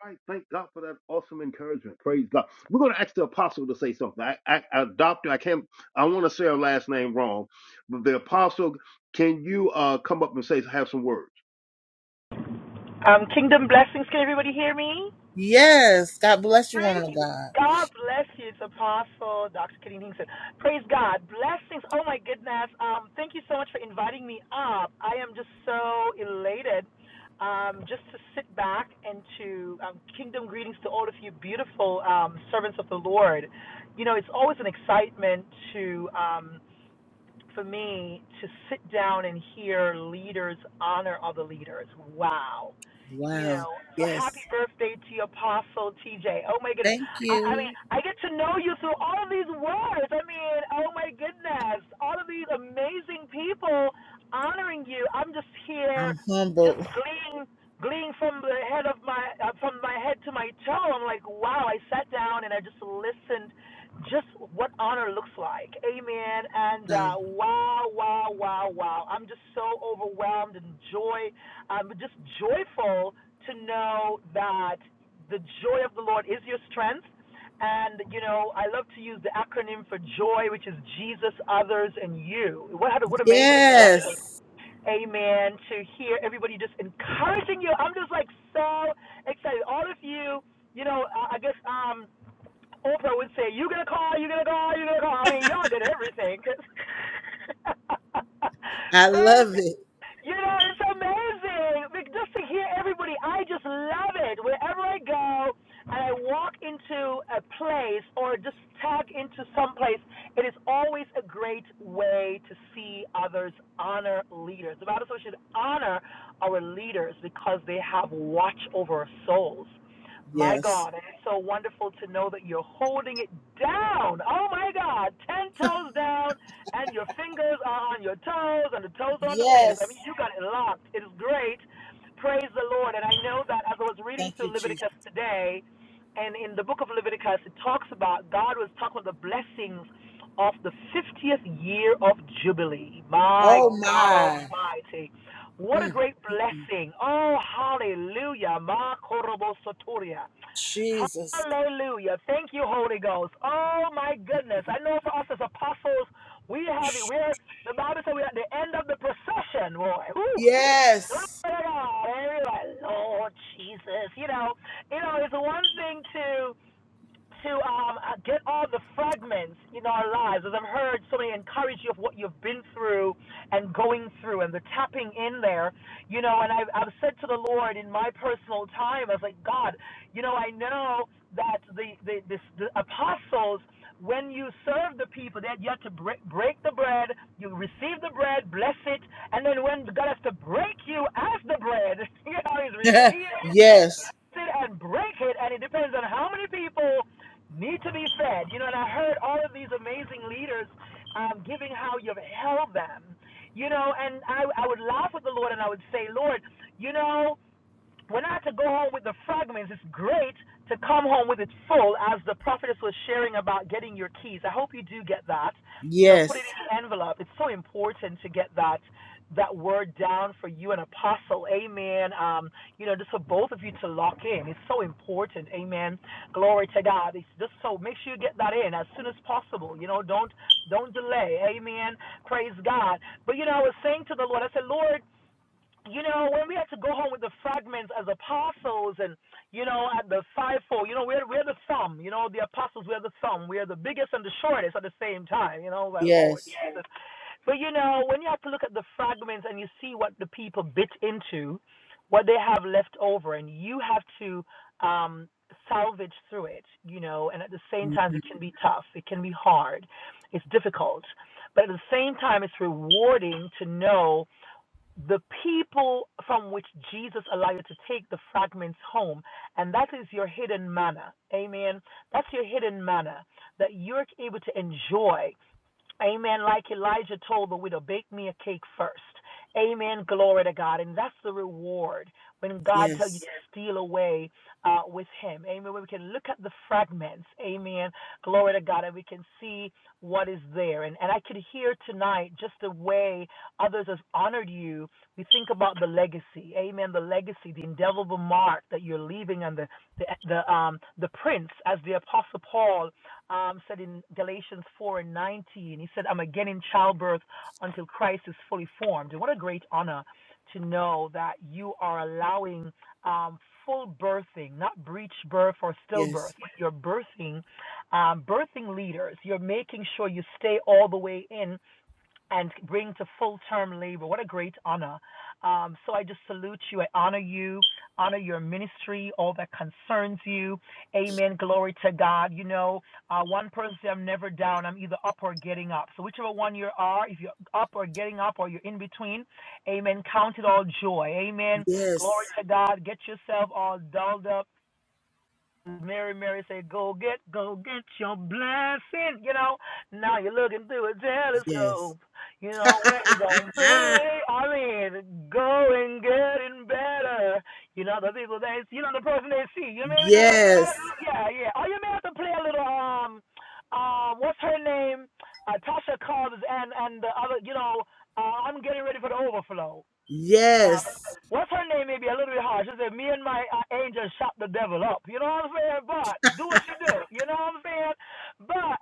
All right, thank God for that awesome encouragement. Praise God. We're going to ask the apostle to say something. I, I, I doctor, I can't, I want to say her last name wrong, but the apostle, can you uh, come up and say have some words?
Um, kingdom blessings. Can everybody hear me? Praise God bless you. It's Apostle Dr. Kadeem Hinkson. Praise God. Blessings. Oh my goodness. Um, thank you so much for inviting me up. I am just so elated. Um, just to sit back and to um, kingdom greetings to all of you beautiful um, servants of the Lord. You know, it's always an excitement to. um, for me to sit down and hear leaders honor other leaders. Wow. You know, so happy birthday to your apostle TJ. Oh my goodness. I, I mean, I get to know you through all of these words. I mean, oh my goodness. All of these amazing people honoring you. I'm just here just gleeing gleeing from the head of my uh, from my head to my toe. I'm like, wow, I sat down and I just listened just what honor looks like. Amen. And uh, wow, wow, wow, wow. I'm just so overwhelmed and joy. I'm just joyful to know that the joy of the Lord is your strength. And, you know, I love to use the acronym for joy, which is Jesus, others, and you. What, what amazing blessing. Amen. To hear everybody just encouraging you. I'm just like so excited. All of you, you know, I guess um, Oprah would say, "You gonna call? You gonna call? You gonna call?" I mean, y'all did everything, Praise you know, it's amazing like, just to hear everybody. I just love it. Wherever I go and I walk into a place or just tag into some place, it is always a great way to see others honor leaders. The Bible says we should honor our leaders because they have watch over our souls. My God, and it's so wonderful to know that you're holding it down. Oh my God, 10 toes down, and your fingers are on your toes, and the toes are on the fingers. I mean, you got it locked. It is great. Praise the Lord. And I know that as I was reading through Leviticus today, and in the book of Leviticus, it talks about God was talking about the blessings of the 50th year of Jubilee. My God Almighty. What a great blessing. Oh, hallelujah. Ma korobo soturia. Hallelujah. Thank you, Holy Ghost. Oh my goodness. I know for us as apostles, we have it. We're the Bible says we're at the end of the procession. Boy. Woo. Glory to God. Everybody, Lord Jesus. You know, you know, it's one thing to to um, uh, get all the fragments in our lives, as I've heard so many encourage you of what you've been through and going through and the tapping in there, you know, and I've, I've said to the Lord in my personal time, I was like, God, you know, I know that the, the, this, the apostles, when you serve the people, that you have to break, break the bread, you receive the bread, bless it, and then when God has to break you as the bread, you know, he's receiving it and break it, and it depends on how many people need to be fed. You know, and I heard all of these amazing leaders um, giving how you've held them. You know, and I, I would laugh with the Lord and I would say, Lord, you know, we're not to go home with the fragments. It's great to come home with it full, as the prophetess was sharing about getting your keys. I hope you do get that. You know, put it in the envelope. It's so important to get that that word down for you, an apostle. Amen. Um, you know, just for both of you to lock in. It's so important. Amen. Glory to God. It's just so make sure you get that in as soon as possible. You know, don't don't delay. Amen. Praise God. But you know, I was saying to the Lord, I said, Lord, you know, when we had to go home with the fragments as apostles and, you know, at the fivefold, you know, we're, we're the thumb, you know, the apostles, we're the thumb. We're the biggest and the shortest at the same time, you know, like, Lord Jesus. But, you know, when you have to look at the fragments and you see what the people bit into, what they have left over, and you have to um, salvage through it, you know, and at the same time, it can be tough, it can be hard, it's difficult. But at the same time, it's rewarding to know the people from which Jesus allowed you to take the fragments home. And that is your hidden manna. Amen. That's your hidden manna that you're able to enjoy. Amen. Like Elijah told the widow, bake me a cake first. Amen. Glory to God. And that's the reward when God tells you to steal away uh, with Him. Amen. Where we can look at the fragments. Amen. Glory to God. And we can see what is there. And, and I could hear tonight just the way others have honored you. We think about the legacy. Amen. The legacy, the indelible mark that you're leaving on the, the, the, um, the prince, as the Apostle Paul um, said in Galatians 4 and 19, he said, I'm again in childbirth until Christ is fully formed. And what a great honor to know that you are allowing um, full birthing, not breech birth or stillbirth, you're birthing, um, birthing leaders. You're making sure you stay all the way in and bring to full term labor. What a great honor. Um, so I just salute you. I honor you, honor your ministry, all that concerns you. Amen. Glory to God. You know, uh, one person said, I'm never down. I'm either up or getting up. So whichever one you are, if you're up or getting up or you're in between, amen. Count it all joy. Amen. Glory to God. Get yourself all dolled up Mary, Mary said, "Go get, go get your blessing." You know, now you're looking through a telescope. You know where you gonna be. I mean, going, getting better. You know the people they, see, you know the person they see. You know, maybe not up in the matter. Yeah, yeah. Oh, you may have to play a little. Um, uh, what's her name? Uh, Tasha Cobbs and and the other. You know, uh, I'm getting ready for the overflow. Now, what's her name may be a little bit hard. She said, Me and my uh, angel shot the devil up. You know what I'm saying? But do what you do. You know what I'm saying? But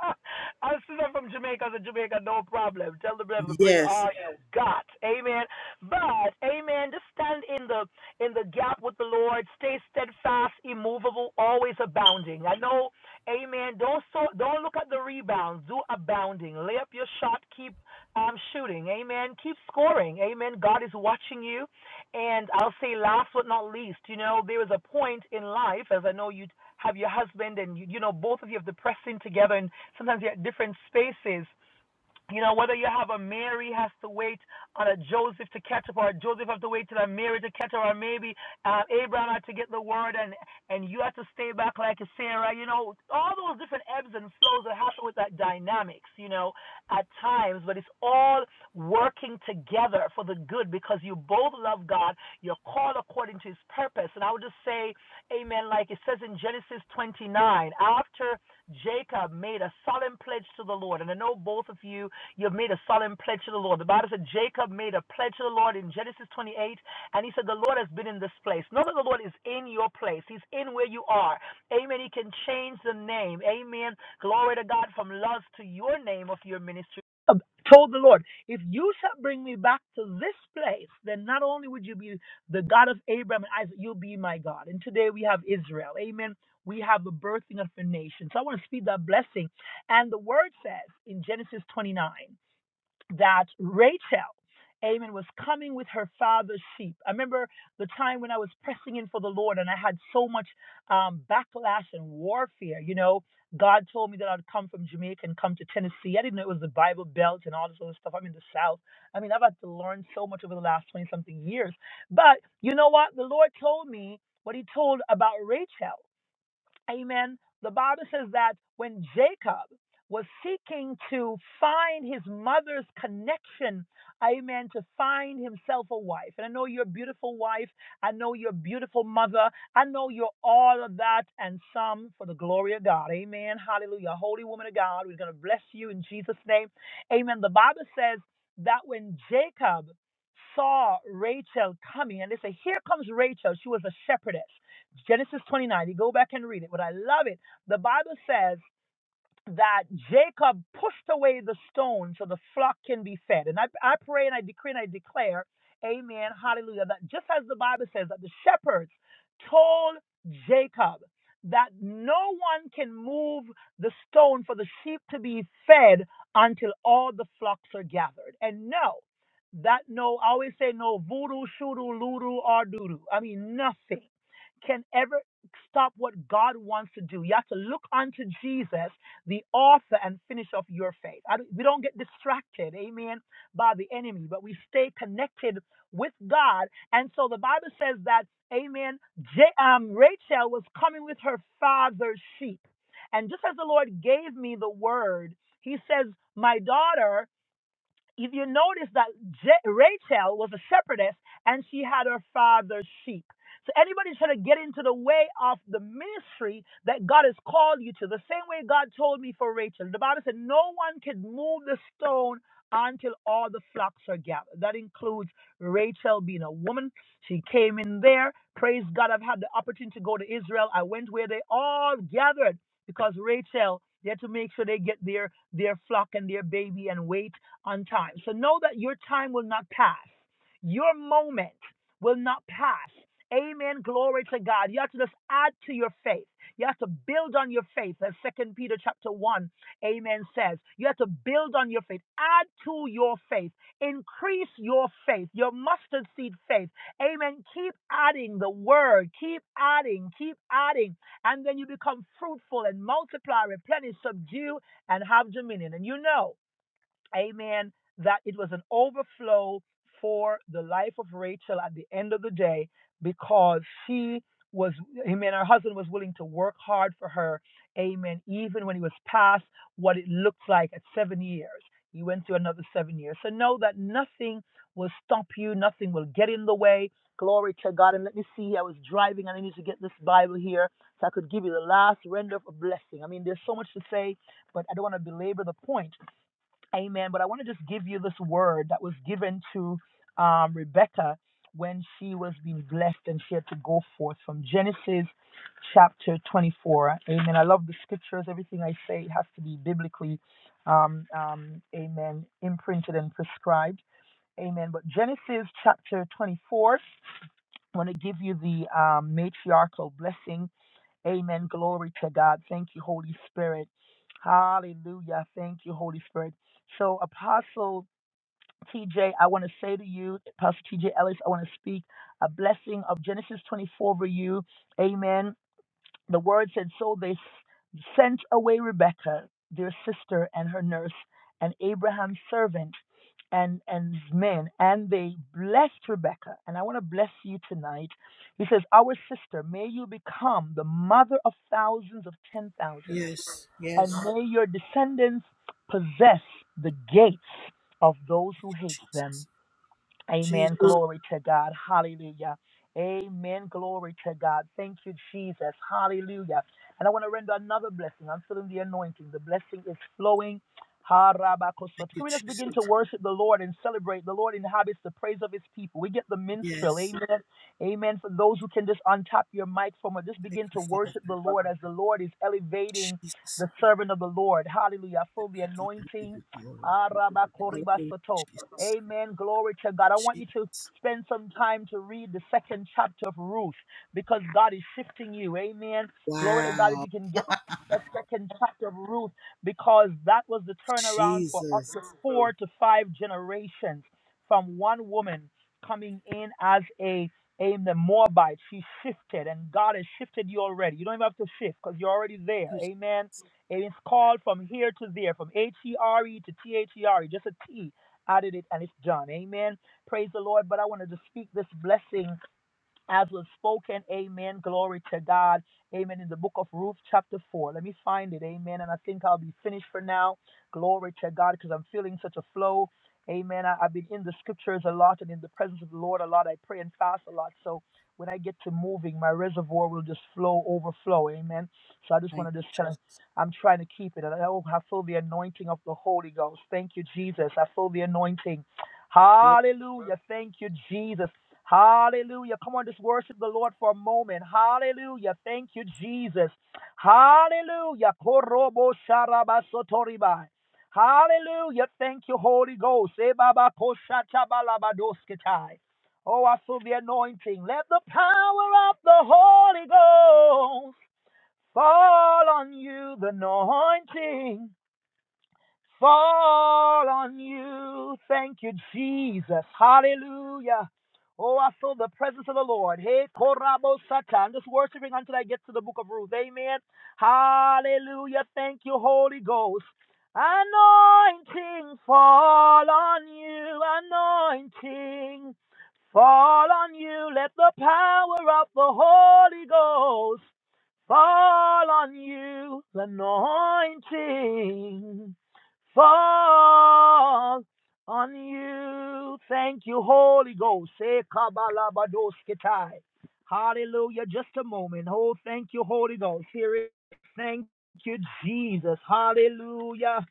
I'm sister from Jamaica to Jamaica, no problem. Tell the brother, bring all you got. Amen. But amen. Just stand in the in the gap with the Lord. Stay steadfast, immovable, always abounding. I know, amen. Don't so don't look at the rebounds. Do abounding. Lay up your shot, keep um, shooting. Amen. Keep scoring. Amen. God is watching you. And I'll say, last but not least, you know, there is a point in life, as I know you have your husband and, you, you know, both of you have the pressing together and sometimes you're at different spaces. You know, whether you have a Mary has to wait on a Joseph to catch up, or a Joseph have to wait till a Mary to catch up, or maybe uh, Abraham had to get the word, and and you had to stay back like a Sarah. You know, all those different ebbs and flows that happen with that dynamics. You know, at times, but it's all working together for the good because you both love God. You're called according to His purpose, and I would just say, Amen. Like it says in Genesis 29, after Jacob made a solemn pledge to the Lord, and I know both of you You've made a solemn pledge to the Lord. The Bible said Jacob made a pledge to the Lord in Genesis 28, and he said, The Lord has been in this place. Not that the Lord is in your place, He's in where you are. Amen. He can change the name. Amen. Glory to God from love to your name of your ministry. Um, Told the Lord, if you shall bring me back to this place, then not only would you be the God of Abraham and Isaac, you'll be my God. And today we have Israel. Amen. We have the birthing of a nation. So I want to speak that blessing and the word says in Genesis 29 that Rachel, amen, was coming with her father's sheep. I remember the time when I was pressing in for the Lord and I had so much um, backlash and warfare. You know, God told me that I'd come from Jamaica and come to Tennessee. I didn't know it was the Bible Belt and all this other stuff. I'm in the South. I mean, I've had to learn so much over the last 20 something years. But you know what? The Lord told me what he told about Rachel. Amen. The Bible says that when Jacob was seeking to find his mother's connection, amen, to find himself a wife. And I know you're a beautiful wife. I know you're a beautiful mother. I know you're all of that and some for the glory of God. Amen. Hallelujah. Holy woman of God, we're going to bless you in Jesus' name. Amen. The Bible says that when Jacob saw Rachel coming, and they say, Here comes Rachel. She was a shepherdess. Genesis 29. You go back and read it, but I love it. The Bible says that Jacob pushed away the stone so the flock can be fed. And I, I pray and I decree and I declare, amen, hallelujah, that just as the Bible says that the shepherds told Jacob that no one can move the stone for the sheep to be fed until all the flocks are gathered. And no, that no, I always say no voodoo, shoodoo, loodoo, or doodoo. I mean, nothing can ever stop what God wants to do. You have to look unto Jesus the author and finisher of your faith. I we don't get distracted, amen, by the enemy, but we stay connected with God. And so the Bible says that, amen, J- um, Rachel was coming with her father's sheep. And just as the Lord gave me the word, he says, My daughter, if you notice that J- Rachel was a shepherdess and she had her father's sheep. So anybody trying to get into the way of the ministry that God has called you to, the same way God told me for Rachel, the Bible said no one can move the stone until all the flocks are gathered. That includes Rachel being a woman. She came in there. Praise God, I've had the opportunity to go to Israel. I went where they all gathered because Rachel, they had to make sure they get their their flock and their baby and wait on time. So know that your time will not pass. Your moment will not pass. Amen. Glory to God. You have to just add to your faith. You have to build on your faith, as Second Peter chapter one, Amen says. You have to build on your faith. Add to your faith. Increase your faith, your mustard seed faith. Amen. Keep adding the word. Keep adding. Keep adding, and then you become fruitful and multiply, replenish, subdue, and have dominion. And you know amen, that it was an overflow for the life of Rachel at the end of the day because she was, amen, her husband was willing to work hard for her, amen, even when he was past what it looked like at seven years. He went through another seven years. So know that nothing will stop you, nothing will get in the way. Glory to God. And let me see, I was driving and I need to get this Bible here so I could give you the last render of a blessing. I mean, there's so much to say, but I don't want to belabor the point. Amen. But I want to just give you this word that was given to um, Rebecca when she was being blessed and she had to go forth from Genesis chapter 24. Amen. I love the scriptures. Everything I say has to be biblically, um, um, amen, imprinted and prescribed. Amen. But Genesis chapter 24, I want to give you the um, matriarchal blessing Amen. Glory to God. Thank you, Holy Spirit. Hallelujah. Thank you, Holy Spirit. So, Apostle TJ, I want to say to you, Apostle TJ Ellis, I want to speak a blessing of Genesis 24 over you. Amen. The word said, So they sent away Rebekah, their sister, and her nurse, and Abraham's servant, and, and his men, and they blessed Rebekah. And I want to bless you tonight. He says, Our sister, may you become the mother of thousands of ten thousands, and may your descendants possess the gates of those who hate them. Amen. Glory to God. Hallelujah. Amen. Glory to God. Thank you, Jesus. Hallelujah. And I want to render another blessing. I'm feeling the anointing. The blessing is flowing. Harabakosot. Can we just begin to worship the Lord and celebrate? The Lord inhabits the praise of his people. We get the minstrel. Amen. Amen. For those who can just untap your microphone or just begin to worship the Lord as the Lord is elevating the servant of the Lord. Hallelujah. I feel the anointing. Arabakoribasoto. Amen. Glory to God. I want you to spend some time to read the second chapter of Ruth because God is shifting you. Amen. Glory to God. If you can get that second chapter of Ruth because that was the turnaround for up to four to five generations from one woman coming in as a aim the Moabite. She shifted and God has shifted you already. You don't even have to shift because you're already there. Amen. It is called from here to there, from H E R E to T H E R E, just a T. I did it and it's done. Amen. Praise the Lord. But I wanted to speak this blessing as was spoken. Amen. Glory to God. Amen. In the book of Ruth, chapter 4. Let me find it. Amen. And I think I'll be finished for now. Glory to God because I'm feeling such a flow. Amen. I, I've been in the scriptures a lot and in the presence of the Lord a lot. I pray and fast a lot. So when I get to moving, my reservoir will just flow, overflow. Amen. So I just want to just tell I'm trying to keep it. And I, oh, I feel the anointing of the Holy Ghost. Thank you, Jesus. I feel the anointing. Hallelujah. Thank you, Jesus. Hallelujah. Come on, just worship the Lord for a moment. Hallelujah. Thank you, Jesus. Hallelujah. Korobo sharabasotoribai. Hallelujah. Thank you, Holy Ghost. Ebaba koshatabalabadosketai. Oh, I feel the anointing. Let the power of the Holy Ghost fall on you, the anointing fall on you. Thank you, Jesus. Hallelujah. Oh, I feel the presence of the Lord. Hey, Korabo Sata. I'm just worshiping until I get to the book of Ruth. Amen. Hallelujah. Thank you, Holy Ghost. Anointing fall on you. Anointing fall on you. Let the power of the Holy Ghost fall on you. Anointing fall on you. Thank you, Holy Ghost. Eh, kabalabadoskitai. Hallelujah. Just a moment. Oh, thank you, Holy Ghost. Here it is. Thank you, Jesus. Hallelujah.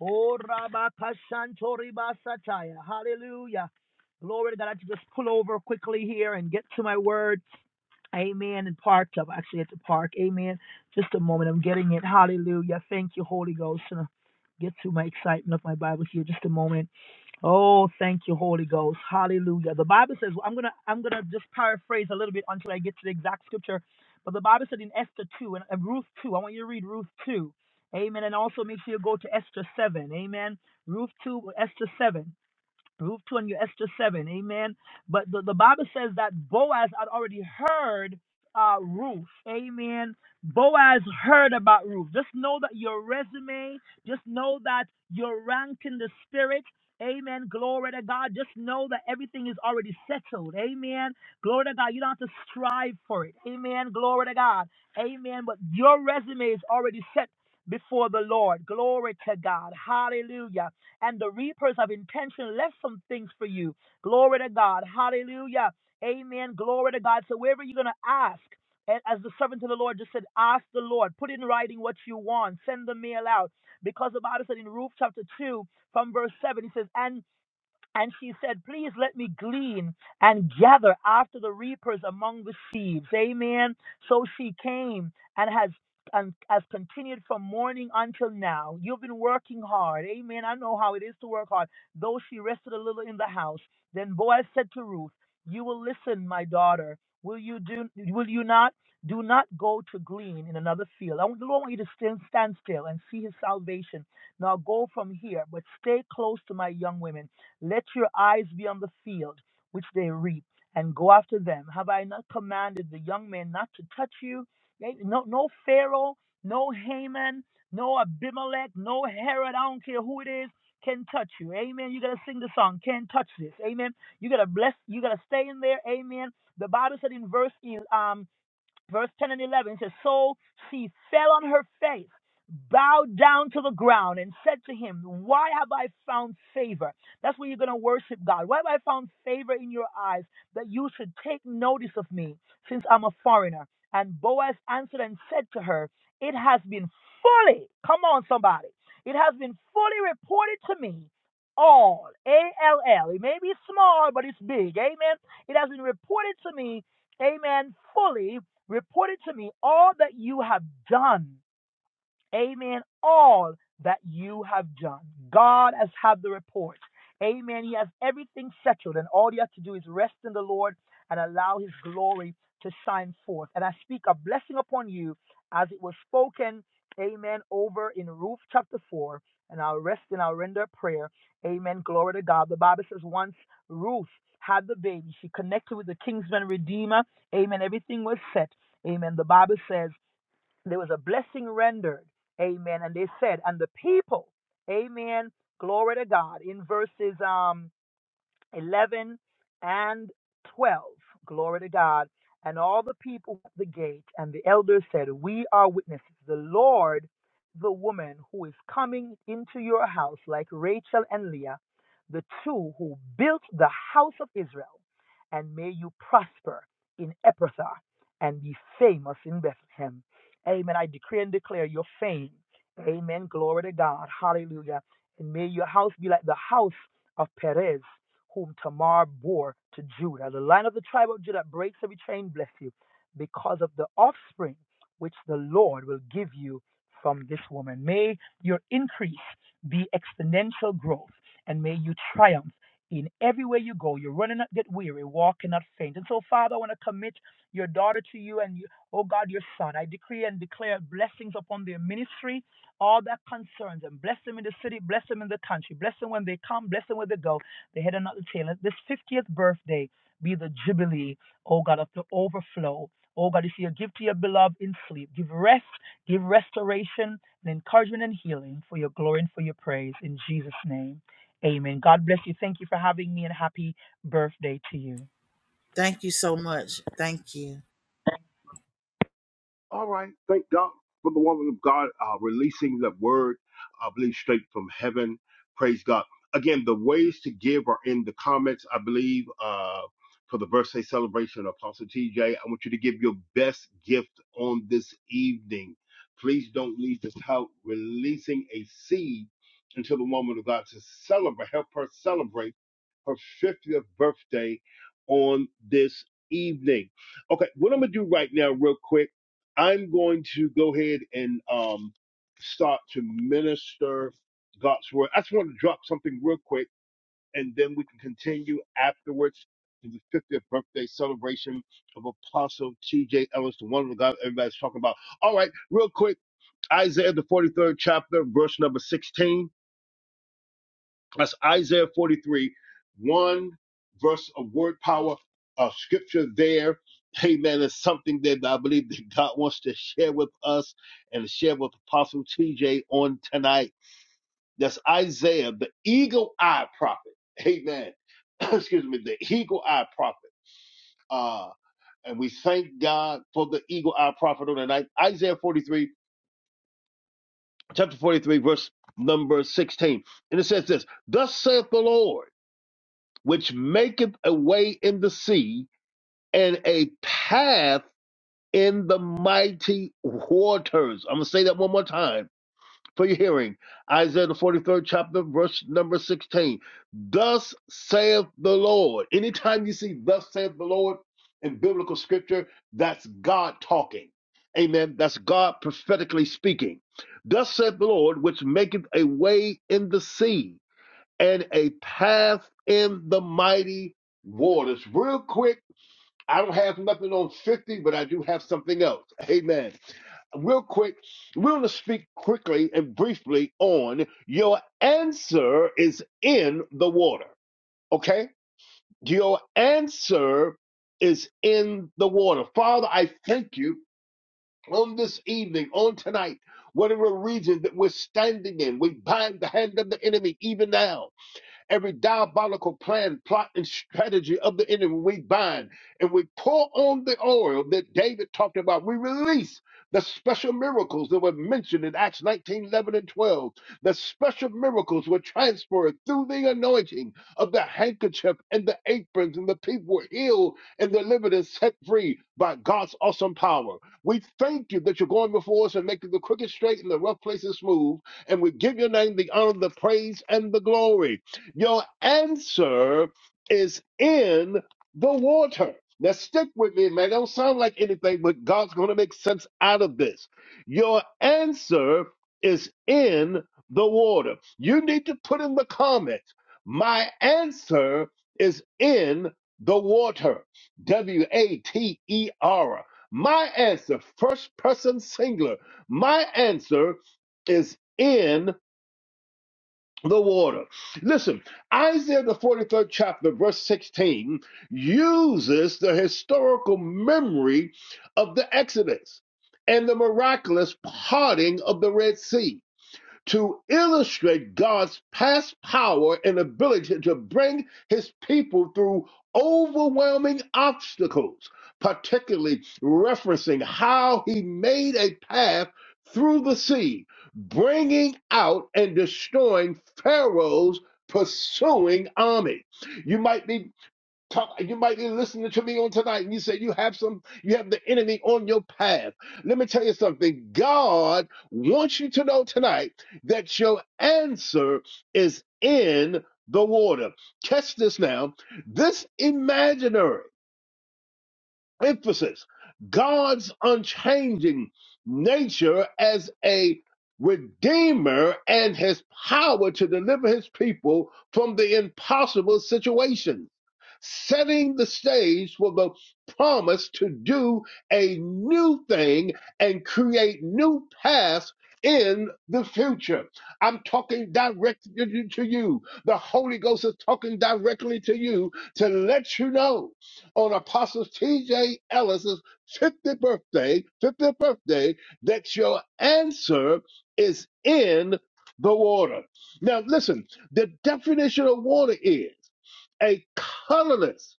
Oh, rabakashantoribasataya. Hallelujah. Glory to God. I have to just pull over quickly here and get to my word. Amen. And parked up. Actually, at the park. Amen. Just a moment. I'm getting it. Hallelujah. Thank you, Holy Ghost. And get to my excitement of my Bible here. Just a moment. Oh, thank you, Holy Ghost. Hallelujah. The Bible says I'm gonna I'm gonna just paraphrase a little bit until I get to the exact scripture. But the Bible said in Esther two and, and Ruth two. I want you to read Ruth two. Amen. And also make sure you go to Esther seven. Amen. Ruth two, Esther seven. Ruth two and your Esther 7, amen. But the, the Bible says that Boaz had already heard uh, Ruth, amen. Boaz heard about Ruth. Just know that your resume, just know that your rank in the spirit, amen. Glory to God. Just know that everything is already settled, amen. Glory to God. You don't have to strive for it, amen. Glory to God, amen. But your resume is already set before the Lord. Glory to God, hallelujah and the reapers of intention left some things for you. Glory to God. Hallelujah. Amen. Glory to God. So wherever you're gonna ask, and as the servant of the Lord just said, ask the Lord, put in writing what you want, send the mail out. Because the Bible said in Ruth chapter 2, from verse 7, he says, and. And she said, Please let me glean and gather after the reapers among the sheaves. Amen. So she came and has and has continued from morning until now. You've been working hard. Amen. I know how it is to work hard. Though she rested a little in the house. Then Boaz said to Ruth, You will listen, my daughter. Will you do will you not? Do not go to glean in another field. I want the Lord want you to stand, stand still and see his salvation. Now go from here, but stay close to my young women. Let your eyes be on the field which they reap, and go after them. Have I not commanded the young men not to touch you? Eh, No, no Pharaoh, no Haman, no Abimelech, no Herod. I don't care who it is can touch you. Amen. You gotta sing the song. Can't touch this. Amen. You gotta bless. You gotta stay in there. Amen. The Bible said in verse um. Verse 10 and 11 says, So she fell on her face, bowed down to the ground, and said to him, Why have I found favor? That's where you're going to worship God. Why have I found favor in your eyes that you should take notice of me, since I'm a foreigner? And Boaz answered and said to her, It has been fully, come on, somebody, it has been fully reported to me. All, A L L. It may be small, but it's big. Amen. It has been reported to me amen, fully Report it to me all that you have done Amen. All that you have done. God has had the report. Amen. He has everything settled, and all you have to do is rest in the Lord and allow His glory to shine forth. And I speak a blessing upon you as it was spoken, amen, over in Ruth chapter 4. And I'll rest and I'll render prayer. Amen. Glory to God. The Bible says once Ruth had the baby, she connected with the kingsman redeemer. Amen. Everything was set. Amen. The Bible says, there was a blessing rendered. Amen. And they said, and the people, amen, glory to God. In verses um 11 and 12. Glory to God. And all the people at the gate and the elders said, We are witnesses. The Lord, the woman who is coming into your house, like Rachel and Leah, the two who built the house of Israel. And may you prosper in Ephrathah and be famous in Bethlehem. Amen. I decree and declare your fame. Amen. Glory to God. Hallelujah. And may your house be like the house of Perez whom Tamar bore to Judah. The line of the tribe of Judah breaks every chain, bless you, because of the offspring which the Lord will give you from this woman. May your increase be exponential growth, and may you triumph in every way you go. Your running not get weary, walking not faint. And so, Father, I want to commit your daughter to you and, you, oh God, your son. I decree and declare blessings upon their ministry, all that concerns them. Bless them in the city, bless them in the country, bless them when they come, bless them when they go. They head and not the tail. Let This 50th birthday be the jubilee, oh God, of the overflow. Oh God, if you give to your beloved in sleep, give rest, give restoration, and encouragement and healing for your glory and for your praise. In Jesus' name, amen. God bless you. Thank you for having me and happy birthday to you.
All right. Thank God for the woman of God uh, releasing the word, I believe, straight from heaven. Praise God. Again, the ways to give are in the comments, I believe, uh, for the birthday celebration of Apostle TJ. I want you to give your best gift on this evening. Please don't leave this house releasing a seed until the woman of God to celebrate, help her celebrate her 50th birthday on this evening. Okay, what I'm gonna do right now, real quick, I'm going to go ahead and um, start to minister God's word. I just want to drop something real quick, and then we can continue afterwards to the 50th birthday celebration of Apostle T.J. Ellis, the one of God everybody's talking about. All right, real quick, Isaiah the 43rd chapter, verse number 16. That's Isaiah 43, one verse of word power, uh, scripture there. Amen. It's something that I believe that God wants to share with us and share with Apostle TJ on tonight. That's Isaiah, the eagle eye prophet. Amen. Excuse me, the eagle eye prophet. Uh, and we thank God for the eagle eye prophet on tonight. Isaiah 43, chapter 43, verse number 16. And it says this Thus saith the Lord. which maketh a way in the sea and a path in the mighty waters. I'm going to say that one more time for your hearing. Isaiah, the 43rd chapter, verse number 16. Thus saith the Lord. Anytime you see thus saith the Lord in biblical scripture, that's God talking. Amen. That's God prophetically speaking. Thus saith the Lord, which maketh a way in the sea and a path in the mighty waters. Real quick, I don't have nothing on 50, but I do have something else. Amen. Real quick, we want to speak quickly and briefly on your answer is in the water. Okay? Your answer is in the water. Father, I thank you on this evening, on tonight, whatever region that we're standing in, we bind the hand of the enemy even now. Every diabolical plan, plot, and strategy of the enemy, we bind and we pour on the oil that David talked about. We release the special miracles that were mentioned in Acts 19:11 and 12. The special miracles were transferred through the anointing of the handkerchief and the aprons, and the people were healed and delivered and set free by God's awesome power. We thank you that you're going before us and making the crooked straight and the rough places smooth. And we give your name the honor, the praise, and the glory. Your answer is in the water. Now, stick with me, man. It don't sound like anything, but God's going to make sense out of this. Your answer is in the water. You need to put in the comments, my answer is in the water. W A T E R. My answer, first person singular. My answer is in the water. Listen, Isaiah, the 43rd chapter, verse 16, uses the historical memory of the Exodus and the miraculous parting of the Red Sea to illustrate God's past power and ability to bring his people through overwhelming obstacles, particularly referencing how he made a path through the sea, bringing out and destroying Pharaoh's pursuing army. You might be Talk, you might be listening to me on tonight and you say you have some, you have the enemy on your path. Let me tell you something. God wants you to know tonight that your answer is in the water. Catch this now. This imaginary emphasis God's unchanging nature as a redeemer and his power to deliver his people from the impossible situations, setting the stage for the promise to do a new thing and create new paths in the future. I'm talking directly to you. The Holy Ghost is talking directly to you to let you know on Apostle T.J. Ellis's 50th birthday, 50th birthday, that your answer is in the water. Now, listen, the definition of water is a colorless,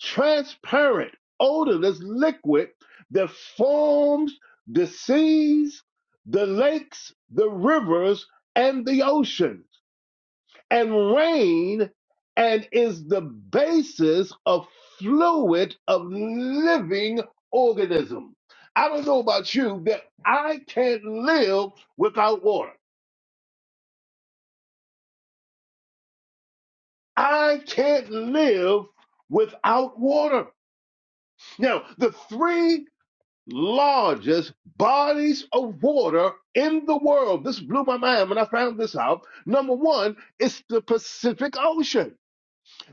transparent, odorless liquid that forms the seas, the lakes, the rivers, and the ocean and rain and is the basis of fluid of living organism. I don't know about you, but I can't live without water. I can't live without water. Now, the three largest bodies of water in the world, this blew my mind when I found this out. Number one, it's the Pacific Ocean.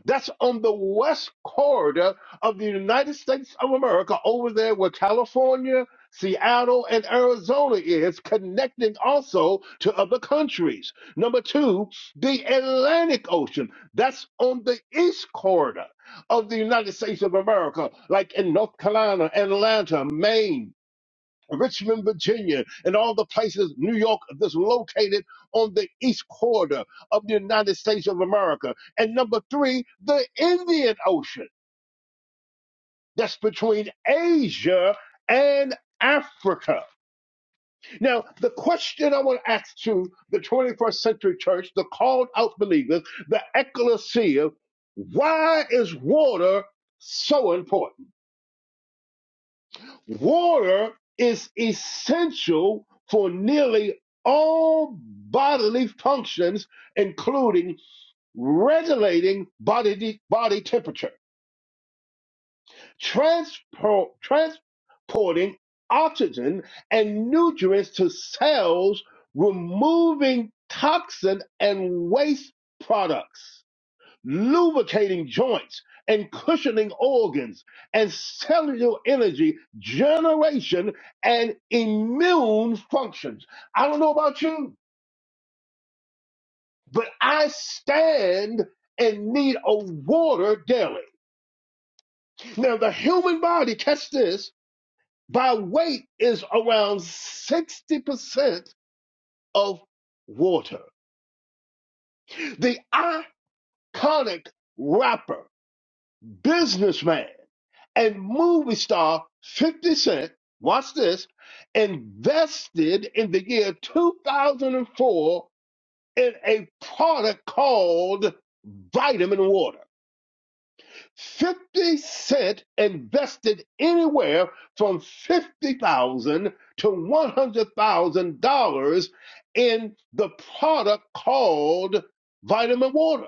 That's on the west corridor of the United States of America, over there where California, Seattle, and Arizona is, connecting also to other countries. Number two, the Atlantic Ocean. That's on the east corridor of the United States of America, like in North Carolina, Atlanta, Maine. Richmond, Virginia, and all the places New York that's located on the east corridor of the United States of America. And number three, the Indian Ocean that's between Asia and Africa. Now, the question I want to ask to the 21st century church, the called out believers, the ecclesia, why is water so important? Water is essential for nearly all bodily functions, including regulating body, body temperature, transpor- transporting oxygen and nutrients to cells, removing toxin and waste products lubricating joints and cushioning organs and cellular energy generation and immune functions. I don't know about you, but I stand in need of water daily. Now, the human body, catch this, by weight is around 60% of water. The iconic rapper. businessman, and movie star 50 Cent, watch this, invested in the year 2004 in a product called vitamin water. 50 Cent invested anywhere from 50000 to $100,000 in the product called vitamin water.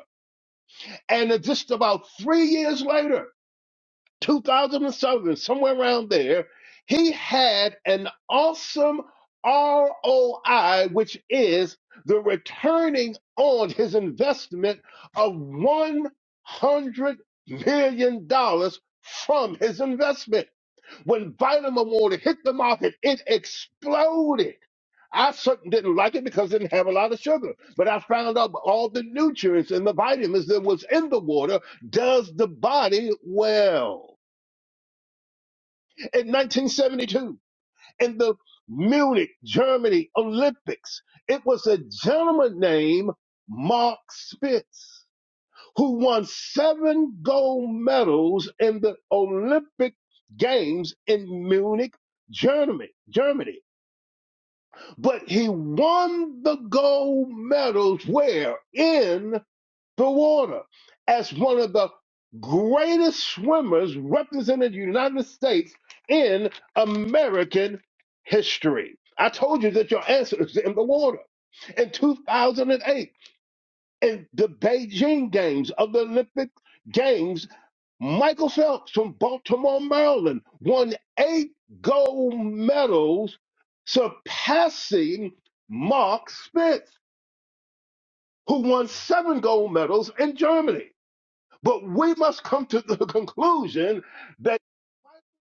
And just about three years later, 2007, somewhere around there, he had an awesome ROI, which is the returning on his investment of $100 million dollars from his investment. When vitamin water hit the market, it exploded. I certainly didn't like it because it didn't have a lot of sugar, but I found out all the nutrients and the vitamins that was in the water does the body well in 1972 in the Munich, Germany Olympics. It was a gentleman named Mark Spitz who won seven gold medals in the Olympic Games in Munich, Germany. Germany. But he won the gold medals where? in the water as one of the greatest swimmers representing the United States in American history. I told you that your answer is in the water. In 2008, in the Beijing Games of the Olympic Games, Michael Phelps from Baltimore, Maryland, won eight gold medals, surpassing Mark Spitz, who won seven gold medals in Germany. But we must come to the conclusion that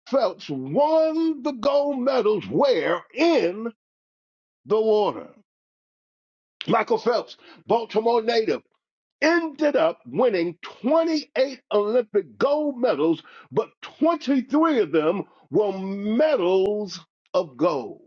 Phelps won the gold medals where? In the water. Michael Phelps, Baltimore native, ended up winning 28 Olympic gold medals, but 23 of them were medals of gold.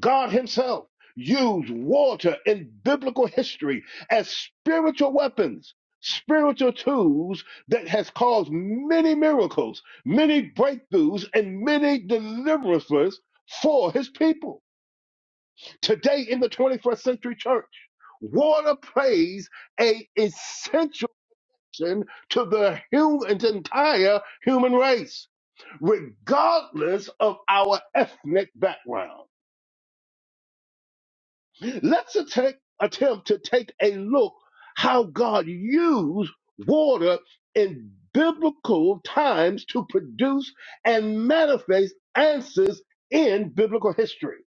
God Himself used water in biblical history as spiritual weapons, spiritual tools that has caused many miracles, many breakthroughs, and many deliverances for His people. Today in the 21st century church, water plays a essential function to the human entire human race regardless of our ethnic background Let's attack, attempt to take a look how God used water in biblical times to produce and manifest answers in biblical history.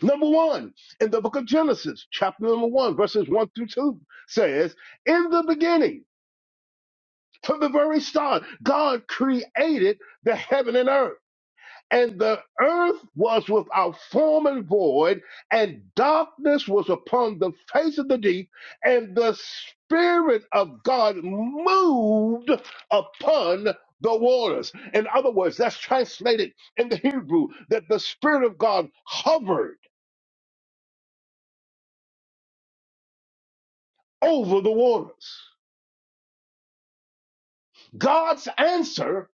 Number one, in the book of Genesis, chapter number one, verses one through two says, In the beginning, from the very start, God created the heaven and earth and the earth was without form and void, and darkness was upon the face of the deep, and the Spirit of God moved upon the waters. In other words, that's translated in the Hebrew that the Spirit of God hovered over the waters. God's answer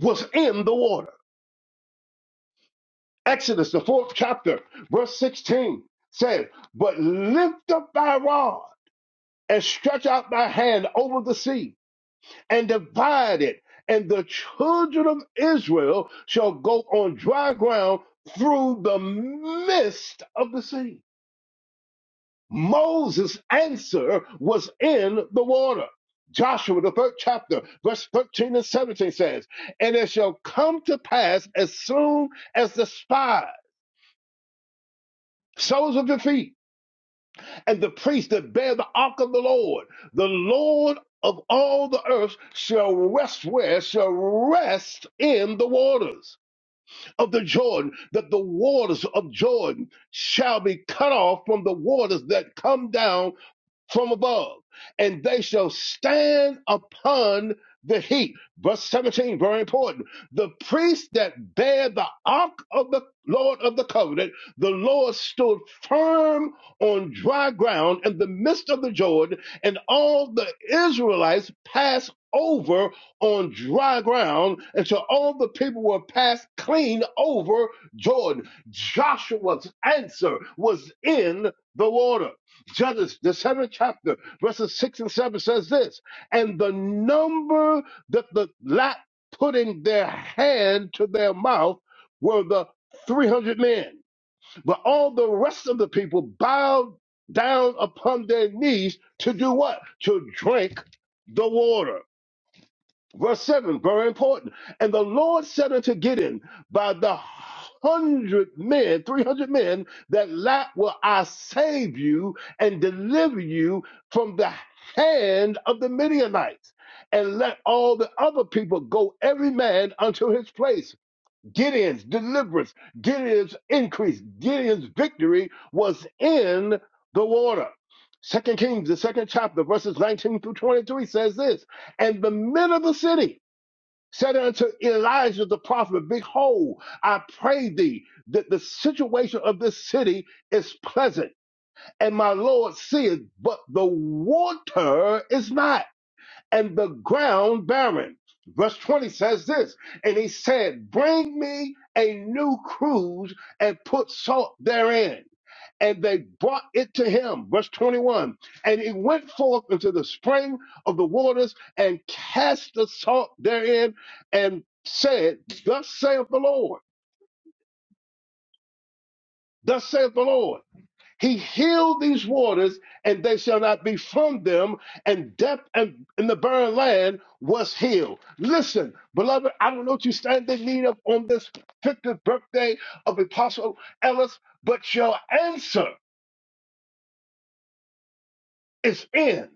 was in the water. Exodus, the fourth chapter, verse 16 says, But lift up thy rod and stretch out my hand over the sea and divide it, and the children of Israel shall go on dry ground through the midst of the sea. Moses' answer was in the water. Joshua, the third chapter, verse 13 and 17 says, And it shall come to pass as soon as the spies, soles of your feet, and the priest that bear the ark of the Lord, the Lord of all the earth shall rest where? Shall rest in the waters of the Jordan, that the waters of Jordan shall be cut off from the waters that come down from above, and they shall stand upon the heap. Verse 17, very important. The priest that bare the ark of the Lord of the covenant, the Lord stood firm on dry ground in the midst of the Jordan, and all the Israelites passed over on dry ground until all the people were passed clean over Jordan. Joshua's answer was in the water. Judges, the seventh chapter, verses six and seven says this, and the number that the lot put in their hand to their mouth were the 300 men. But all the rest of the people bowed down upon their knees to do what? To drink the water. Verse 7, very important. And the Lord said unto Gideon, By the hundred men, 300 men that lack will I save you and deliver you from the hand of the Midianites. And let all the other people go, every man unto his place. Gideon's deliverance, Gideon's increase, Gideon's victory was in the water. Second Kings, the second chapter, verses 19 through 23 says this, and the men of the city said unto Elijah the prophet, Behold, I pray thee that the situation of this city is pleasant, and my Lord seeth, but the water is not and the ground barren. Verse 20 says this, and he said, Bring me a new cruse and put salt therein. And they brought it to him. Verse 21. And he went forth into the spring of the waters and cast the salt therein and said, Thus saith the Lord, thus saith the Lord. He healed these waters, and they shall not be from them. And death and in the barren land was healed. Listen, beloved, I don't know what you stand in need of on this 50th birthday of Apostle Ellis, but your answer is in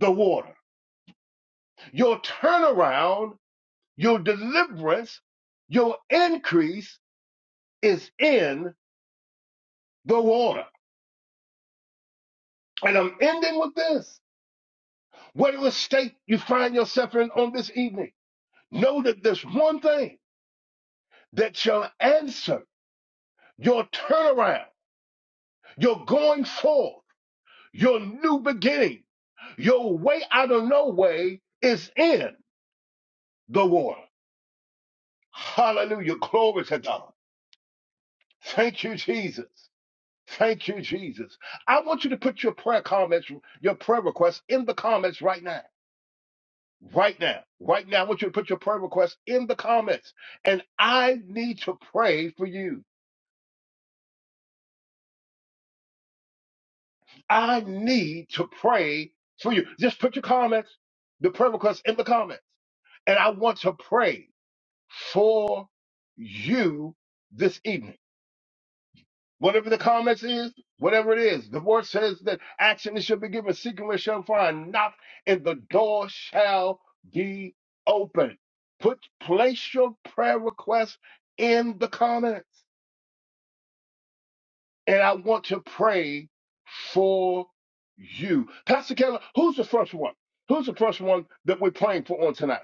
the water. Your turnaround, your deliverance, your increase is in the water. And I'm ending with this. Whatever state you find yourself in on this evening, Know that there's one thing that shall answer your turnaround, your going forth, your new beginning, your way out of no way is in the water. Hallelujah. Glory to God. Thank you, Jesus. Thank you, Jesus. I want you to put your prayer comments, your prayer requests in the comments right now. Right now. Right now. I want you to put your prayer requests in the comments. And I need to pray for you. I need to pray for you. Just put your comments, the prayer request in the comments. And I want to pray for you this evening. Whatever the comments is, whatever it is, the word says that action is shall be given, seeking where shall find, knock, and the door shall be open. Put place your prayer request in the comments. And I want to pray for you. Pastor Keller, who's the first one? Who's the first one that we're praying for on tonight?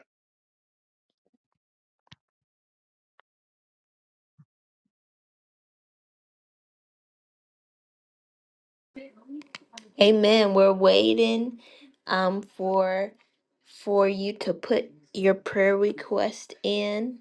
Amen. We're waiting um for for you to put your prayer request in.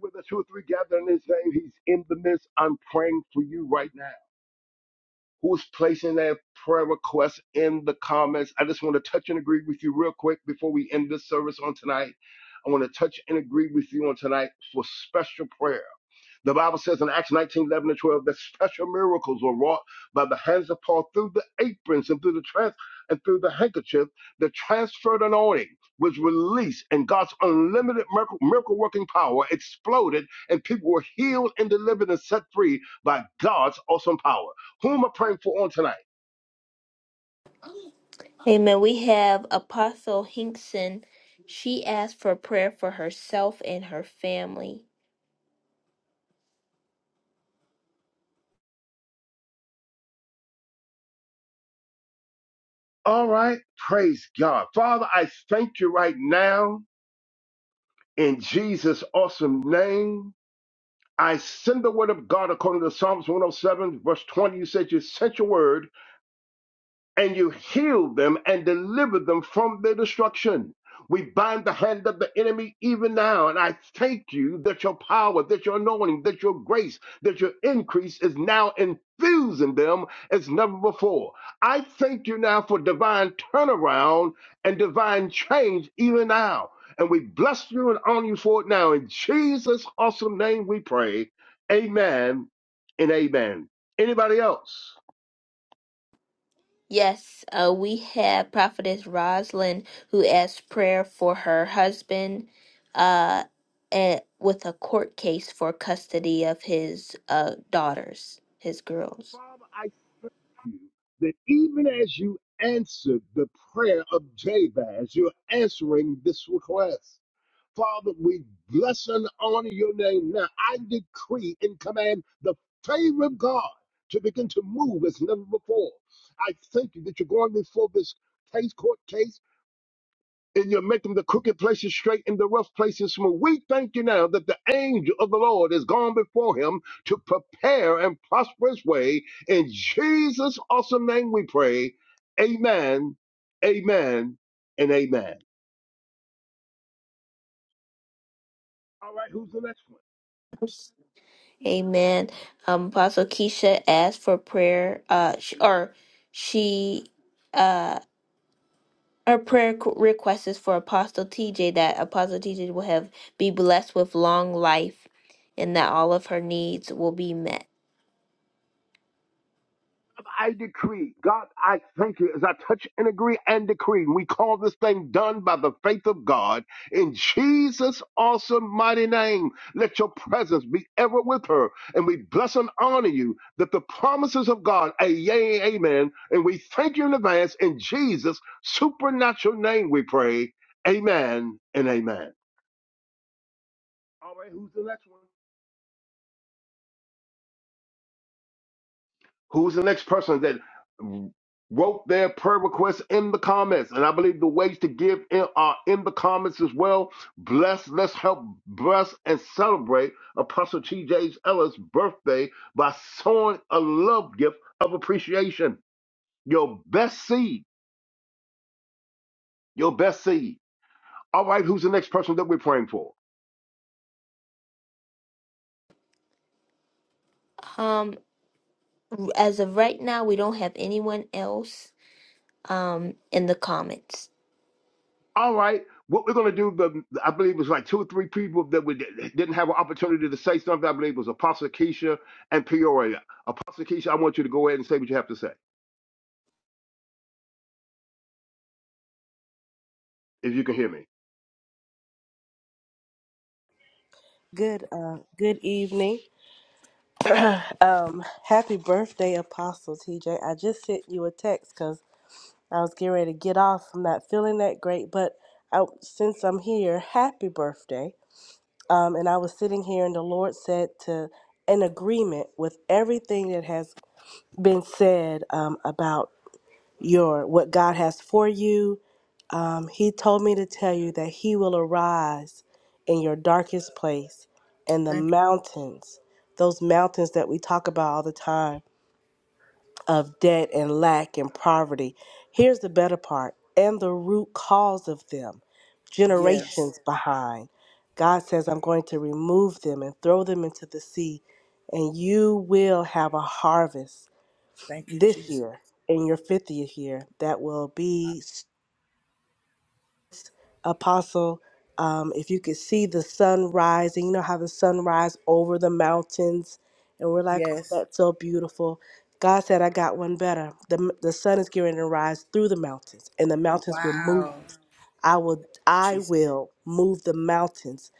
With the two or three gather in his name, he's in the midst. I'm praying for you right now. Who's placing their prayer request in the comments? I just want to touch and agree with you real quick before we end this service on tonight. I want to touch and agree with you on tonight for special prayer. The Bible says in Acts 19 11 and 12 that special miracles were wrought by the hands of Paul through the aprons and through the trans and through the handkerchief, the transferred anointing was released, and God's unlimited miracle miracle working power exploded, and people were healed and delivered and set free by God's awesome power. Who am I praying for on tonight?
Amen. We have Apostle Hinkson. She asked for prayer for herself and her family.
All right, praise God. Father, I thank you right now in Jesus' awesome name I send the word of God according to Psalms 107, verse 20. You said you sent your word and you heal them and deliver them from their destruction. We bind the hand of the enemy even now. And I thank you that your power, that your anointing, that your grace, that your increase is now infusing them as never before. I thank you now for divine turnaround and divine change even now. And we bless you and honor you for it now. In Jesus' awesome name we pray. Amen and amen. Anybody else?
Yes, uh, we have Prophetess Rosalind who asked prayer for her husband uh, at, with a court case for custody of his uh, daughters, his girls.
Father, you that even as you answered the prayer of Jabez, you're answering this request. Father, we bless and honor your name now. I decree and command the favor of God to begin to move as never before. I thank you that you're going before this case, court case and you're making the crooked places straight and the rough places smooth. We thank you now that the angel of the Lord has gone before him to prepare and prosper his way. In Jesus' awesome name we pray. Amen, amen, and amen. All right, who's the next one?
Amen. Um, Apostle Keisha asked for prayer, uh, sh or she, her prayer c- request is for Apostle TJ that Apostle TJ will have be blessed with long life and that all of her needs will be met.
I decree, God, I thank you as I touch and agree and decree. We call this thing done by the faith of God in Jesus' awesome mighty name. Let your presence be ever with her, and we bless and honor you that the promises of God, a yea, and amen. And we thank you in advance in Jesus' supernatural name. We pray, Amen and Amen. All right, who's the next one? Who's the next person that wrote their prayer requests in the comments? And I believe the ways to give in, are in the comments as well. Bless, let's help bless and celebrate Apostle T.J. Ellis' birthday by sowing a love gift of appreciation. Your best seed, your best seed. All right, who's the next person that we're praying for?
Um, As of right now, we don't have anyone else um, in the comments.
all right, what we're going to do, the, I believe it was like two or three people that we did, didn't have an opportunity to say something. I believe it was Apostle Keisha and Peoria. Apostle Keisha, I want you to go ahead and say what you have to say, if you can hear me.
Good uh good evening. um happy birthday Apostle TJ. I just sent you a text cuz I was getting ready to get off. I'm not feeling that great, but I, since I'm here, happy birthday. Um and I was sitting here and the Lord said to in agreement with everything that has been said um about your what God has for you Um, he told me to tell you that he will arise in your darkest place and the mountains, those mountains that we talk about all the time of debt and lack and poverty. Here's the better part and the root cause of them, generations behind. God says, I'm going to remove them and throw them into the sea, and you will have a harvest this year in your 50th year that will be Apostle, um, if you could see the sun rising, you know how the sun rise over the mountains, and we're like, oh, that's so beautiful. God said, I got one better. The, the sun is going to rise through the mountains, and the mountains will move. I will, I will move the mountains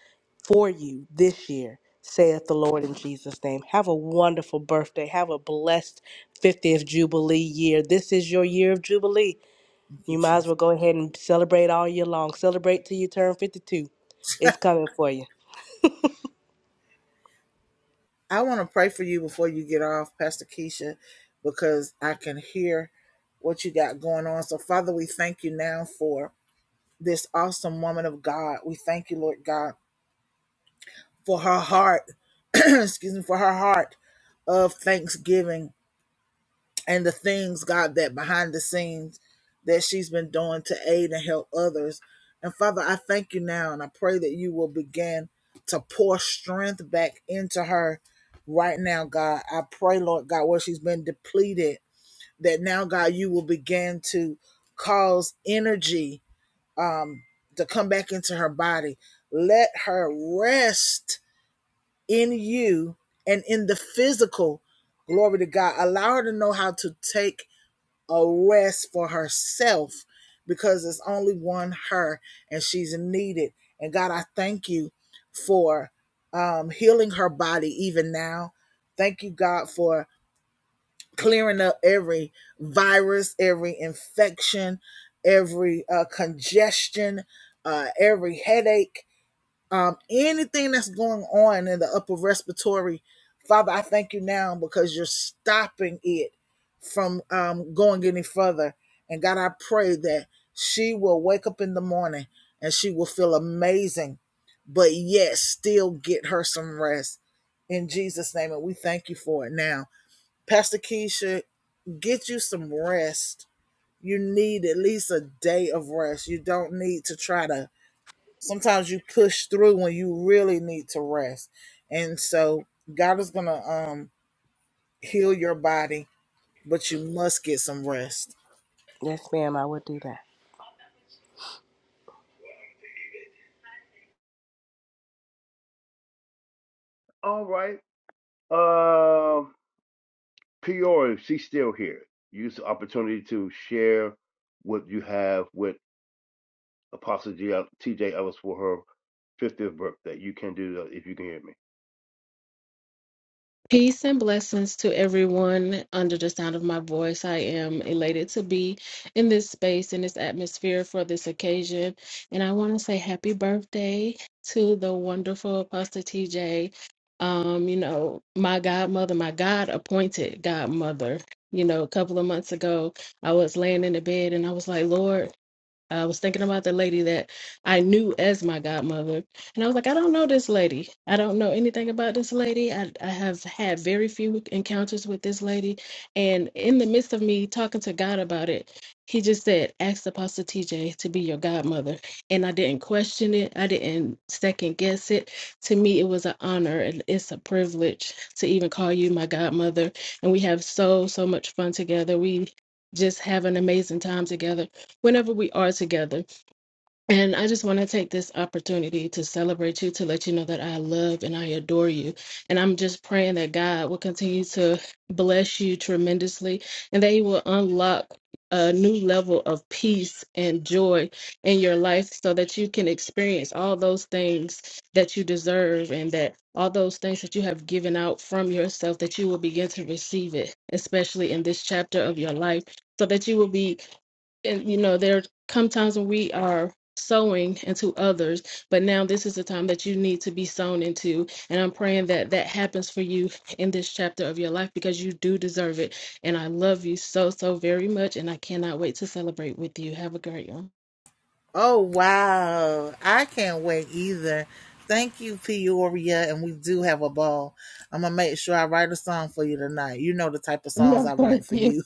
for you this year, saith the Lord in Jesus' name. Have a wonderful birthday. Have a blessed 50th Jubilee year. This is your year of Jubilee. You might as well go ahead and celebrate all year long. Celebrate till you turn 52. It's coming for you. Yes, ma'am, I will do that.
All right. Uh, Peoria, she's still here. Use the opportunity to share what you have with Apostle G- TJ Ellis for her 50th birthday. You can do that if you can hear me.
Peace and blessings to everyone under the sound of my voice. I am elated to be in this space, in this atmosphere for this occasion. And I want to say happy birthday to the wonderful Apostle TJ. Um, you know, my godmother, my God appointed godmother. You know, a couple of months ago, I was laying in the bed and I was like, Lord, I was thinking about the lady that I knew as my godmother, and I was like, I don't know this lady. I don't know anything about this lady. I, I have had very few encounters with this lady. And in the midst of me talking to God about it, he just said, Ask Apostle TJ to be your godmother. And I didn't question it, I didn't second guess it. To me, it was an honor and it's a privilege to even call you my godmother. And we have so, so much fun together. We just have an amazing time together whenever we are together. And I just want to take this opportunity to celebrate you, to let you know that I love and I adore you. And I'm just praying that God will continue to bless you tremendously and that He will unlock a new level of peace and joy in your life so that you can experience all those things that you deserve and that all those things that you have given out from yourself that you will begin to receive it especially in this chapter of your life so that you will be and you know there come times when we are sowing into others but now this is the time that you need to be sown into and i'm praying that that happens for you in this chapter of your life because you do deserve it and i love you so so very much and i cannot wait to celebrate with you have a great one No, thank you.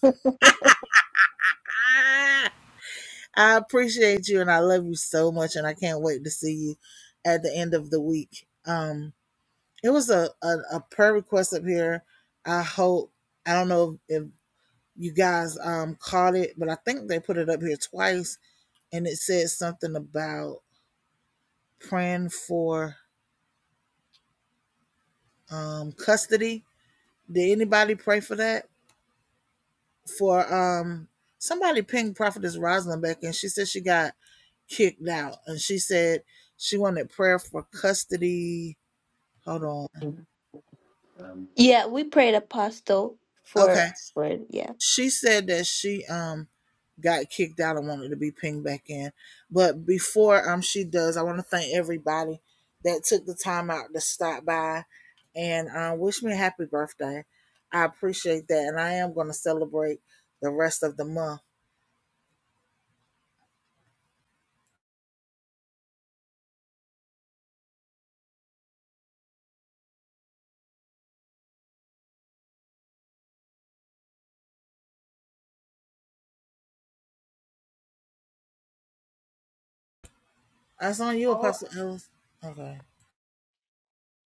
Yeah, we prayed apostle for for yeah.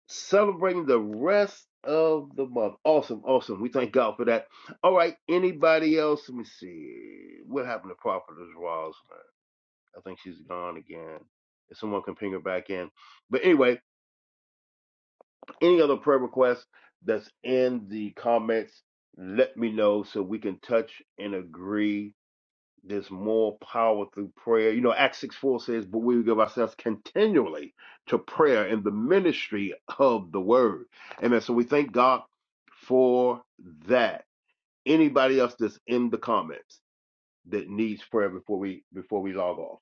celebrating the rest of the month. Awesome, awesome. We thank God for that. All right, anybody else? Let me see. What happened to Prophetess Rosalind? I think she's gone again. If someone can ping her back in. But anyway, any other prayer requests that's in the comments, let me know so we can touch and agree there's more power through prayer. You know, Acts 6 4 says, But we give ourselves continually to prayer and the ministry of the word. Amen. So we thank God for that. Anybody else that's in the comments that needs prayer before we before we log off.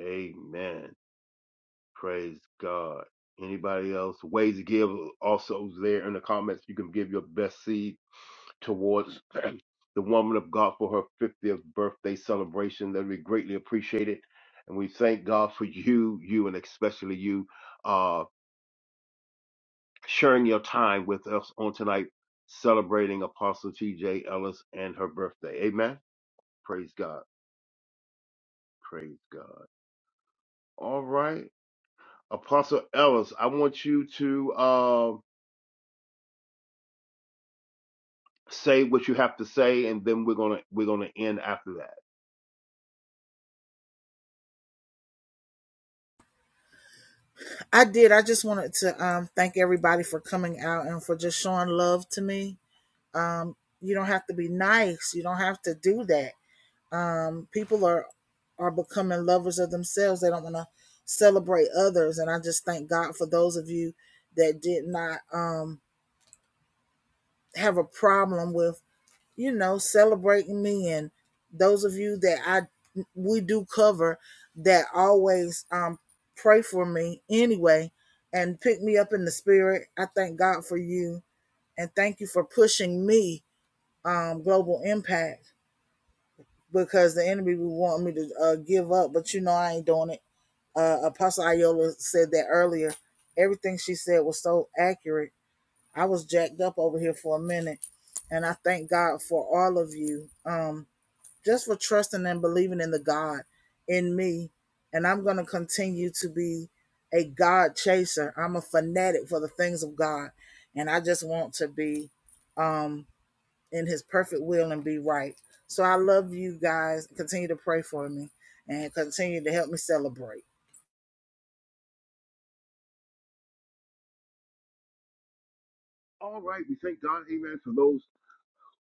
Amen. Praise God. Anybody else? Ways to give also is there in the comments. You can give your best seed towards the woman of God for her 50th birthday celebration. That we greatly appreciate it. And we thank God for you, you, and especially you, uh, sharing your time with us on tonight, celebrating Apostle TJ Ellis and her birthday. Amen. Praise God. Praise God. All right. Apostle Ellis, I want you to uh, say what you have to say, and then we're gonna we're gonna end after that. All right, we thank God, Amen, for those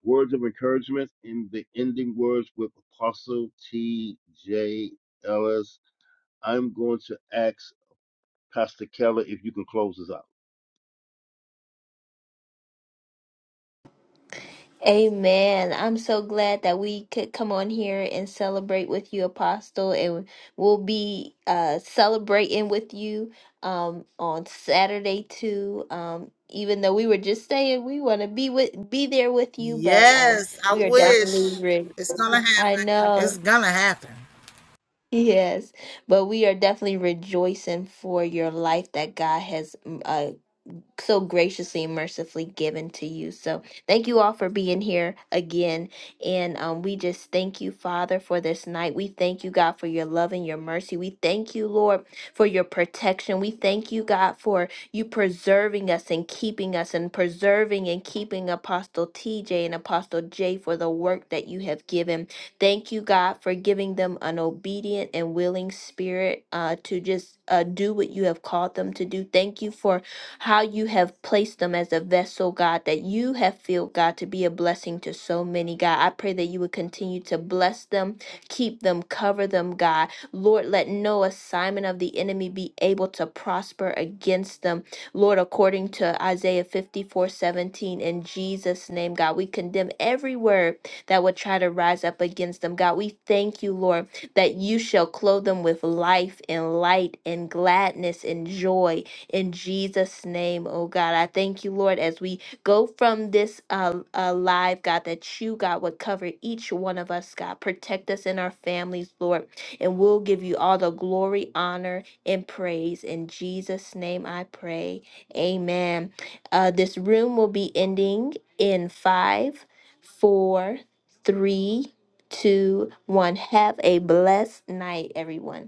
words of encouragement in the ending words with Apostle T.J. Ellis. I'm going to ask Pastor Keller if you can close us out.
Amen. I'm so glad that we could come on here and celebrate with you, Apostle, and we'll be uh, celebrating with you um, on Saturday too. Um, even though we were just saying we want to be with be there with you, but um, we are definitely re- I know. Yes, but we are definitely rejoicing for your life that God has. uh, so graciously and mercifully given to you. So thank you all for being here again. And um, we just thank you, Father, for this night. We thank you, God, for your love and your mercy. We thank you, Lord, for your protection. We thank you, God, for you preserving us and keeping us and preserving and keeping Apostle TJ and Apostle J for the work that you have given. Thank you, God, for giving them an obedient and willing spirit uh, to just uh, do what you have called them to do. Thank you for how you have placed them as a vessel, God, that you have filled, God, to be a blessing to so many, God. I pray that you would continue to bless them, keep them, cover them, God. Lord, let no assignment of the enemy be able to prosper against them. Lord, according to Isaiah 54 17, in Jesus' name, God, we condemn every word that would try to rise up against them. God, we thank you, Lord, that you shall clothe them with life and light and gladness and joy in Jesus' name, oh God. I thank you, Lord, as we go from this uh, uh, live, God, that you, God, would cover each one of us, God. Protect us and our families, Lord. And we'll give you all the glory, honor, and praise. In Jesus' name I pray. Amen. Uh, this room will be ending in five, four, three, two, one. Have a blessed night, everyone.